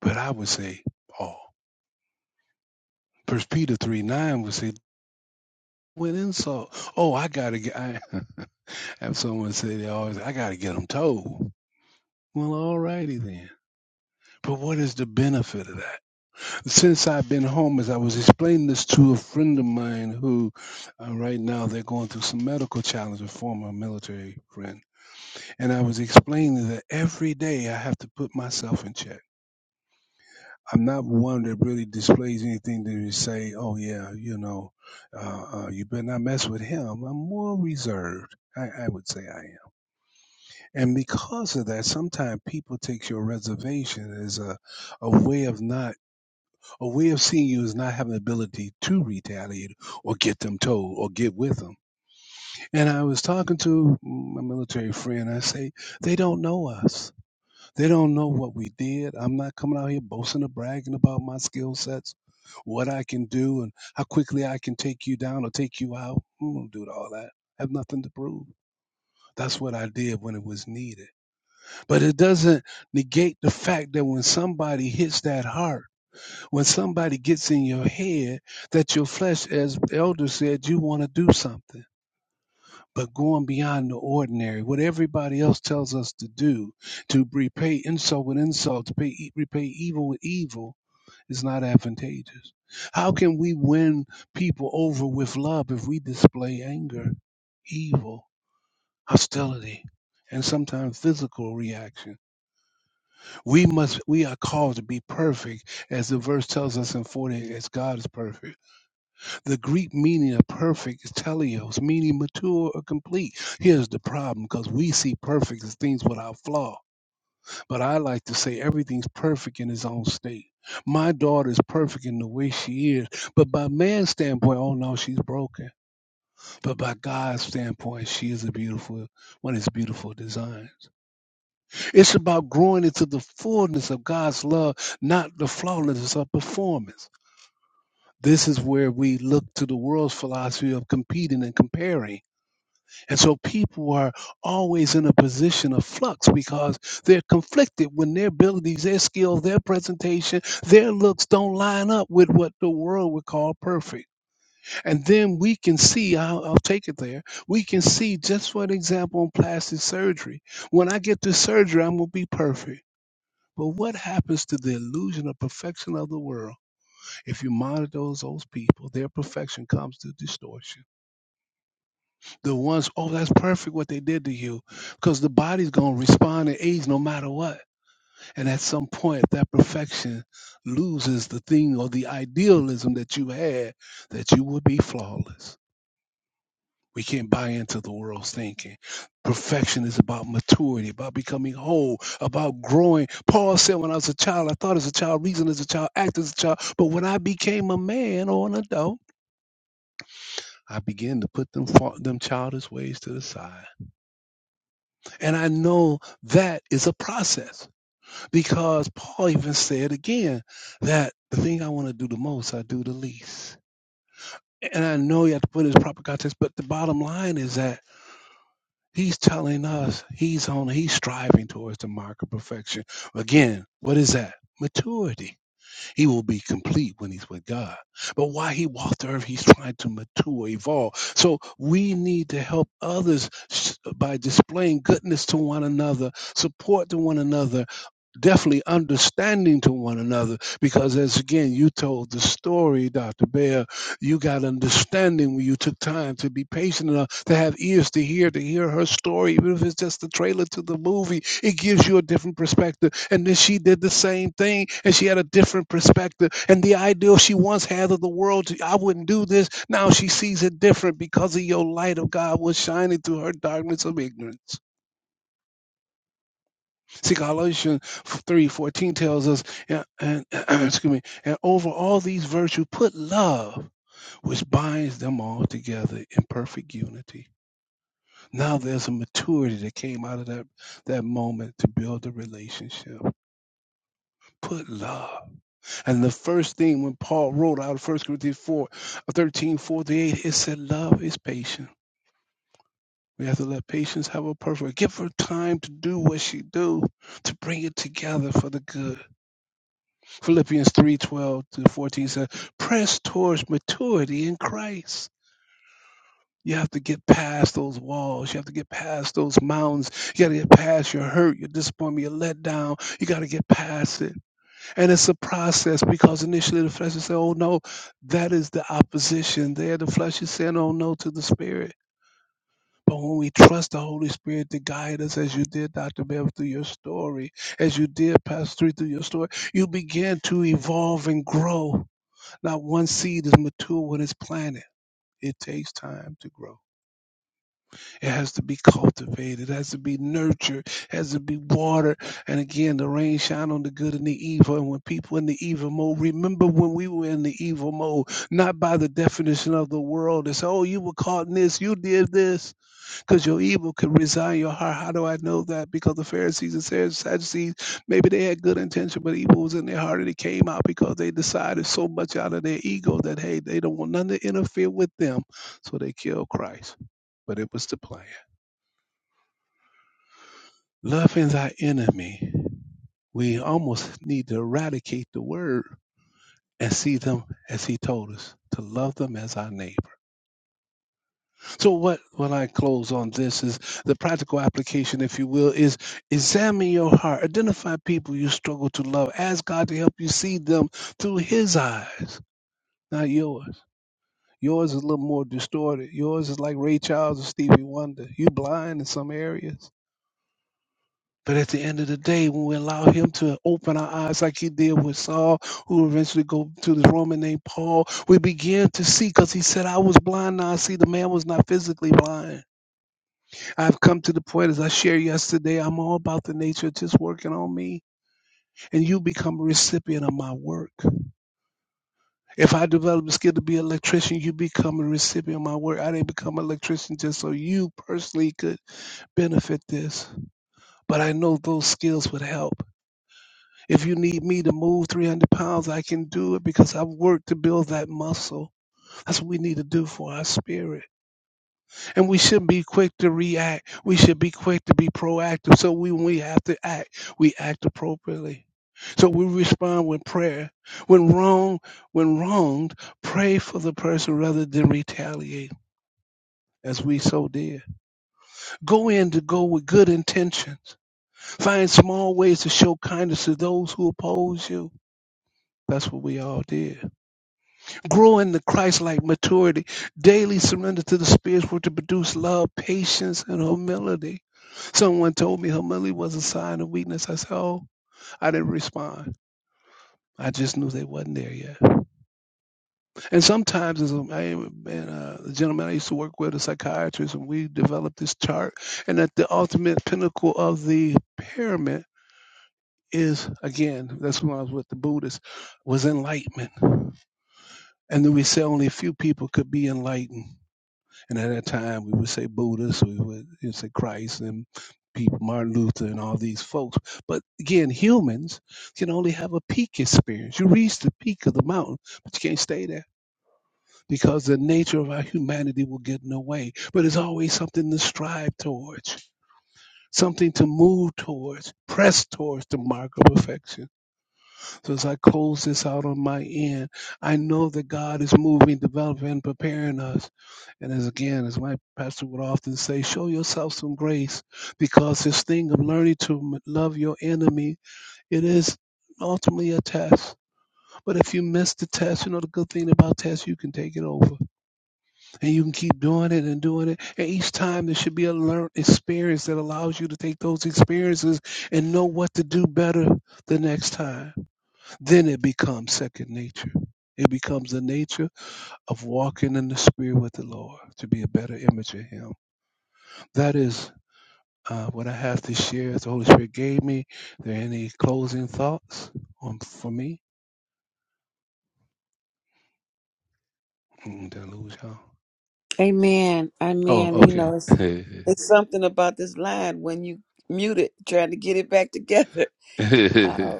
S1: But I would say all. First Peter three nine would say with insult. Oh, I gotta get. I have someone say they always. I gotta get them told. Well, all righty then. But what is the benefit of that? Since I've been home, as I was explaining this to a friend of mine who, uh, right now, they're going through some medical challenges, a former military friend. And I was explaining that every day I have to put myself in check I'm not one that really displays anything that you say, oh, yeah, you know, uh, uh, you better not mess with him. I'm more reserved. I, I would say I am. And because of that, sometimes people take your reservation as a, a way of not, a way of seeing you as not having the ability to retaliate or get them told or get with them. And I was talking to my military friend. I say, they don't know us they don't know what we did. I'm not coming out here boasting or bragging about my skill sets, what I can do, and how quickly I can take you down or take you out. I'm gonna do all that. I have nothing to prove. That's what I did when it was needed. But it doesn't negate the fact that when somebody hits that heart, when somebody gets in your head, that your flesh, as Elder said, you want to do something but going beyond the ordinary, what everybody else tells us to do, to repay insult with insult, to pay, e- repay evil with evil, is not advantageous. How can we win people over with love if we display anger, evil, hostility? And sometimes physical reaction. We must. We are called to be perfect, as the verse tells us in forty. As God is perfect. The Greek meaning of perfect is teleos, meaning mature or complete. Here's the problem because we see perfect as things without flaw, but I like to say everything's perfect in its own state. My daughter is perfect in the way she is, but by man's standpoint, oh no, she's broken. But by God's standpoint, she is a beautiful, one of his beautiful design. It's about growing into the fullness of God's love, not the flawlessness of performance this is where we look to the world's philosophy of competing and comparing. And so people are always in a position of flux because they're conflicted when their abilities, their skills, their presentation, their looks don't line up with what the world would call perfect. And then we can see, I'll, I'll take it there, we can see just for an example on plastic surgery. When I get this surgery, I'm going to be perfect. But what happens to the illusion of perfection of the world? If you monitor those, those people, their perfection comes to distortion the ones, oh, that's perfect what they did to you, because the body's going to respond to age no matter what. And at some point, that perfection loses the thing or the idealism that you had that you would be flawless. We can't buy into the world's thinking. Perfection is about maturity, about becoming whole, about growing. Paul said, When I was a child, I thought as a child, reasoned as a child, acted as a child. But when I became a man or an adult, I began to put them, fa- them childish ways to the side. And I know that is a process because Paul even said again that the thing I want to do the most, I do the least. And I know you have to put it in proper context, but the bottom line is that he's telling us he's on, he's striving towards the mark of perfection. Again, what is that? Maturity he will be complete when he's with God. But while he walks the earth, he's trying to mature, evolve. So we need to help others by displaying goodness to one another, support to one another, definitely understanding to one another because as again you told the story dr bear you got understanding when you took time to be patient enough to have ears to hear to hear her story even if it's just the trailer to the movie it gives you a different perspective and then she did the same thing and she had a different perspective and the ideal she once had of the world i wouldn't do this now she sees it different because of your light of god was shining through her darkness of ignorance See, Galatians 3.14 tells us, and, and- excuse me, and over all these virtues put love, which binds them all together in perfect unity. Now there's a maturity that came out of that, that moment to build a relationship. Put love. And the first thing when Paul wrote out of 1 Corinthians 4, uh, 13, forty-eight, it said love is patient. We have to let patience have a perfect. Give her time to do what she do, to bring it together for the good. Philippians 3:12 to 14 says, "Press towards maturity in Christ." You have to get past those walls. You have to get past those mountains. You got to get past your hurt, your disappointment, your letdown. You got to get past it. And it's a process because initially the flesh is saying, oh no, that is the opposition. There, the flesh is saying, oh no, to the spirit. But when we trust the Holy Spirit to guide us, as you did, Dr. Bev, through your story, as you did, Pastor Three, through your story, you begin to evolve and grow not one seed is mature when it's planted. It takes time to grow. It has to be cultivated. It has to be nurtured. It has to be watered. And again, the rain shine on the good and the evil. And when people in the evil mode, remember when we were in the evil mode, not by the definition of the world. It's, oh, you were caught in this, you did this because your evil could reside in your heart. How do I know that? Because the Pharisees and Sadducees, maybe they had good intention, but evil was in their heart and it came out because they decided so much out of their ego that, hey, they don't want none to interfere with them. So they killed Christ. But it was the plan. Loving thy enemy, we almost need to eradicate the word and see them as he told us to love them as our neighbor. So what what I close on this is the practical application, if you will, is examine your heart, identify people you struggle to love, ask God to help you see them through His eyes, not yours. Yours is a little more distorted. Yours is like Ray Charles or Stevie Wonder. You blind in some areas. But at the end of the day, when we allow him to open our eyes like he did with Saul, who eventually go to this Roman named Paul, we begin to see because he said, I was blind, now I see the man was not physically blind I've come to the point, as I shared yesterday, I'm all about the nature of just working on me, and you become a recipient of my work. If I develop the skill to be an electrician, you become a recipient of my work. I didn't become an electrician just so you personally could benefit this, but I know those skills would help. If you need me to move 300 pounds, I can do it because I've worked to build that muscle. That's what we need to do for our spirit. And we should be quick to react. We should be quick to be proactive. So we, when we have to act, we act appropriately. So we respond with prayer. When wrong, when wronged, pray for the person rather than retaliate, as we so did. Go in to go with good intentions. Find small ways to show kindness to those who oppose you. That's what we all did. Grow in the Christ-like maturity. Daily surrender to the Spirit work to produce love, patience, and humility. Someone told me humility was a sign of weakness. I said, "Oh, I didn't respond. I just knew they wasn't there yet." And sometimes, as a, I, and uh, the gentleman I used to work with, a psychiatrist, and we developed this chart. And at the ultimate pinnacle of the pyramid is, again, that's when I was with the Buddhists, was enlightenment. And then we said only a few people could be enlightened And at that time, we would say Buddhists, we would you know, say Christ and people, Martin Luther and all these folks. But again, humans can only have a peak experience. You reach the peak of the mountain, but you can't stay there because the nature of our humanity will get in the way. But it's always something to strive towards, something to move towards, press towards the mark of perfection. So as I close this out on my end, I know that God is moving, developing, and preparing us. And as again, as my pastor would often say, show yourself some grace because this thing of learning to m- love your enemy, it is ultimately a test. But if you miss the test, you know the good thing about tests, you can take it over and you can keep doing it and doing it. And each time there should be a learned experience that allows you to take those experiences and know what to do better the next time then it becomes second nature. It becomes the nature of walking in the Spirit with the Lord to be a better image of Him. That is uh, what I have to share. As the Holy Spirit gave me. Are there any closing thoughts on for me? Mm, did I lose y'all?
S3: Amen. Amen.
S1: Oh,
S3: You know, it's,
S1: okay.
S3: it's something about this line when you mute it, trying to get it back together. Uh,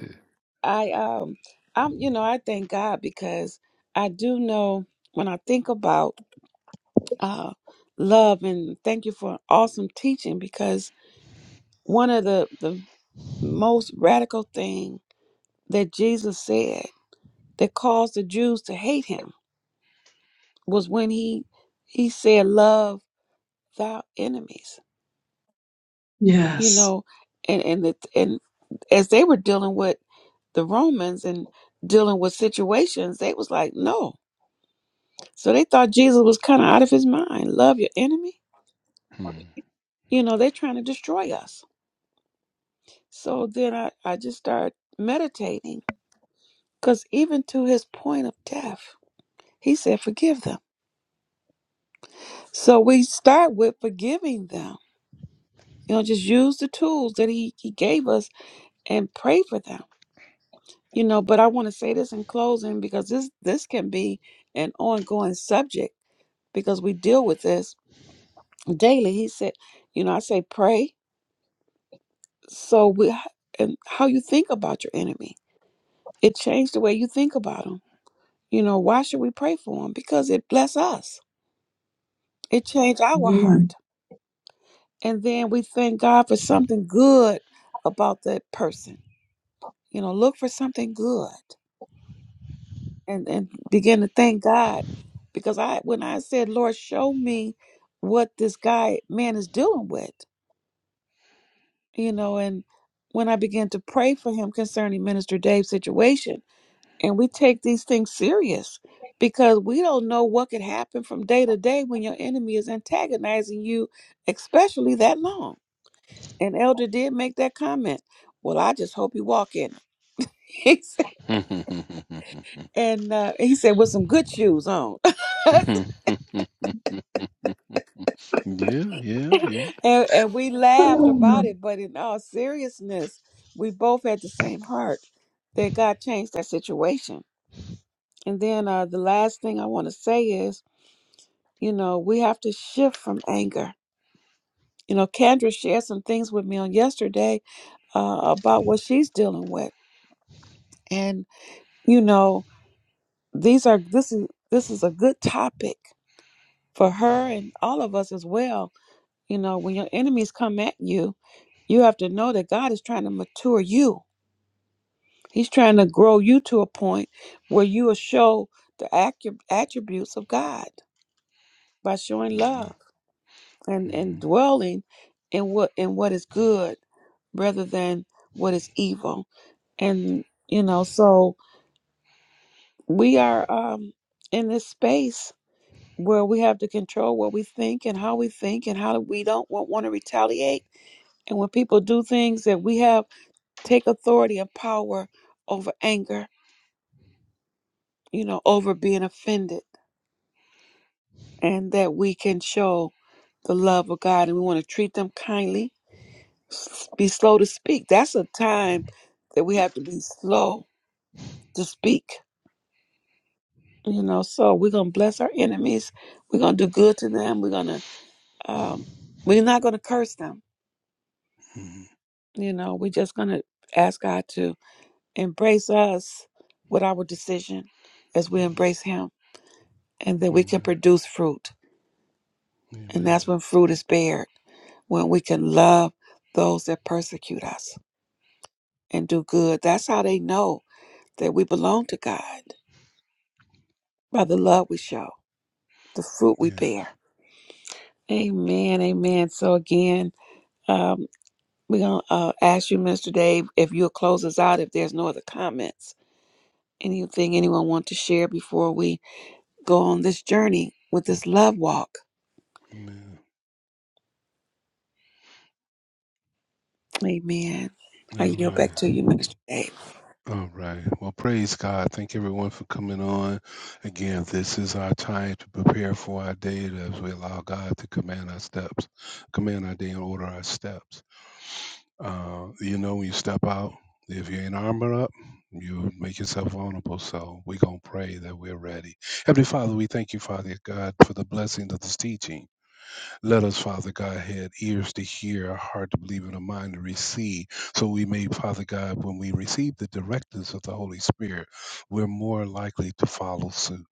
S3: I um I'm you know I thank God because I do know when I think about uh love and thank you for an awesome teaching because one of the the most radical thing that Jesus said that caused the Jews to hate him was when he he said love thy enemies you
S4: yes.
S3: know and and the, and as they were dealing with the Romans and dealing with situations they was like no So they thought Jesus was kind of out of his mind. Love your enemy.
S1: Hmm.
S3: You know, they're trying to destroy us. So then I, I just started meditating because even to his point of death, he said, forgive them. So we start with forgiving them. You know, just use the tools that he, he gave us and pray for them. You know, but I want to say this in closing because this this can be an ongoing subject because we deal with this daily. He said, you know, I say pray so we h- and how you think about your enemy it changed the way you think about him you know why should we pray for him because it bless us it changed our
S4: Amen.
S3: heart and then we thank god for something good about that person you know look for something good and and begin to thank god because i when i said lord show me what this guy man is dealing with you know and when i began to pray for him concerning minister dave's situation and we take these things serious because we don't know what could happen from day to day when your enemy is antagonizing you, especially that long. And Elder did make that comment. Well, I just hope you walk in it. He said-
S1: yeah,
S3: and uh, he said with some good shoes on,
S1: yeah,
S3: and,
S1: yeah.
S3: and we
S4: Ah,
S3: laughed about it. But in all seriousness, we both had the same heart that God changed that situation. And then uh, the last thing I want to say is, you know, we have to shift from anger you know, Kendra shared some things with me on yesterday uh, about what she's dealing with, and you know, these are this is this is a good topic for her and all of us as well. You know, when your enemies come at you, you have to know that God is trying to mature you. He's trying to grow you to a point where you will show the accu- attributes of God by showing
S1: Mhm,
S3: love and and
S1: mhm,
S3: dwelling in what in what is good rather than what is evil and you know so we are um in this space where we have to control what we think and how we think and how we don't want, want to retaliate and when people do things that we have take authority and power over anger you know over being offended and that we can show the love of god and we want to treat them kindly s- be slow to speak that's a time that we have to be slow to speak You know, so we're gonna bless our enemies. We're gonna do good to them. We're gonna um we're not gonna curse them.
S1: mhm,
S3: You know, we're just gonna ask God to embrace us with our decision as we embrace him and that we can
S1: Amen.
S3: produce fruit. And
S1: Amen.
S3: that's when fruit is bared, when we can love those that persecute us and do good. That's how they know that we belong to God by the love we show, the fruit we
S1: Yeah.
S3: bear. Amen. Amen. So again, um, We're going to uh, ask you, Mr. Dave, if you'll close us out if there's no other comments. Anything anyone want to share before we go on this journey with this love walk?
S1: Amen.
S3: Amen.
S1: All
S3: I yield
S1: right.
S3: back to you, Mr. Dave.
S1: All right. Well, praise God. Thank everyone for coming on. Again, this is our time to prepare for our day as we allow God to command our steps, command our day and order our steps. Uh, you know, when you step out, if you ain't armored up, you make yourself vulnerable. So we're going to pray that we're ready. Heavenly Father, we thank you, Father God, for the blessing of this teaching. Let us, Father God, have ears to hear, a heart to believe, and a mind to receive. So we may, Father God, when we receive the directives of the Holy Spirit, we're more likely to follow suit.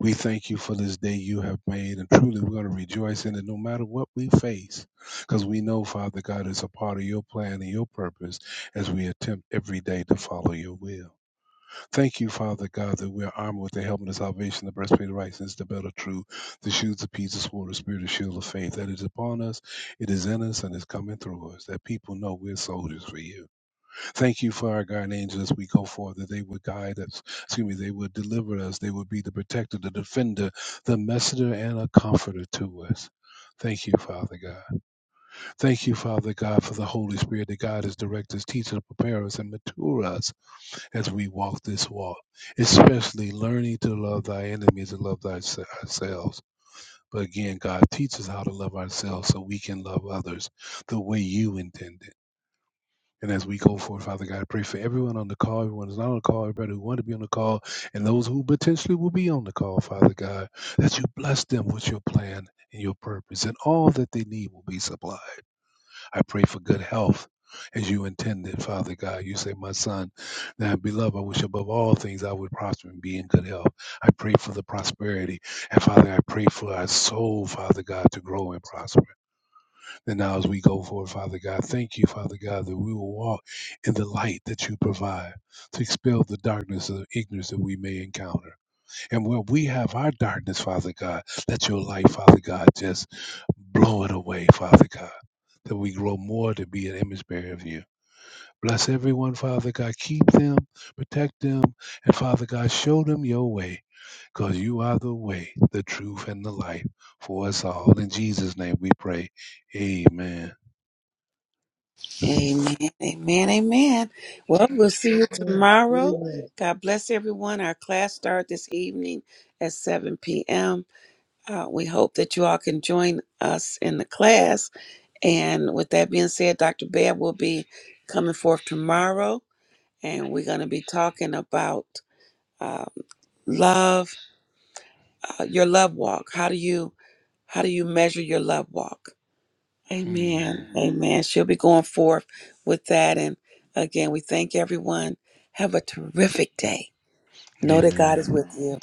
S1: We thank you for this day you have made, and truly we're going to rejoice in it no matter what we face, because we know, Father God, it's a part of your plan and your purpose as we attempt every day to follow your will. Thank you, Father God, that we are armed with the helmet of salvation, the breastplate of righteousness, the belt of truth, the shoes of peace, the sword of spirit, the shield of faith. That is upon us, it is in us, and it's coming through us. That people know we're soldiers for you. Thank you for our guardian angels. We go forth that they would guide us. Excuse me, they would deliver us. They would be the protector, the defender, the messenger, and a comforter to us. Thank you, Father God. Thank you, Father God, for the Holy Spirit that God has directed us, teaches, us, prepare us, and mature us as we walk this walk, especially learning to love thy enemies and love thyse- ourselves. But again, God teaches how to love ourselves so we can love others the way you intended. And as we go forward, Father God, I pray for everyone on the call, everyone who's not on the call, everybody who want to be on the call, and those who potentially will be on the call, Father God, that you bless them with your plan and your purpose, and all that they need will be supplied. I pray for good health as you intended, Father God. You say, My son, now beloved, I wish above all things I would prosper and be in good health. I pray for the prosperity. And Father, I pray for our soul, Father God, to grow and prosper. And now as we go forward, Father God, thank you, Father God, that we will walk in the light that you provide to expel the darkness of ignorance that we may encounter. And where we have our darkness, Father God, let your light, Father God, just Blow it away, Father God, that we grow more to be an image bearer of you. Bless everyone, Father God. Keep them, protect them, and Father God, show them your way, because you are the way, the truth, and the life for us all. In Jesus' name we pray. Amen.
S3: Amen. Amen. Amen. Well, we'll see you tomorrow.
S2: Amen.
S3: God bless everyone. Our class starts this evening at 7 p.m. Uh, we hope that you all can join us in the class. And with that being said, Dr. Babb will be coming forth tomorrow. and we're going to be talking about um, love, uh, your love walk. How do you how do you measure your love walk?
S1: Hmm.
S3: Amen, amen. She'll be going forth with that, and again, we thank everyone. Have a terrific day. Know that God is
S1: Amen.
S3: with you.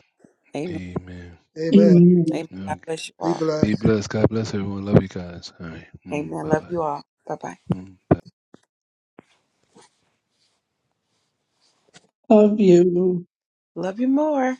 S3: Amen.
S1: Amen.
S2: Amen.
S4: Amen.
S3: Amen. God
S1: Okay.
S3: bless you
S2: Be
S3: all.
S1: Be
S2: blessed.
S1: blessed. God bless everyone. Love you guys. All right. Mm,
S3: Amen.
S1: bye
S3: Love you all. Bye bye.
S1: bye.
S4: Love you.
S3: Love you more.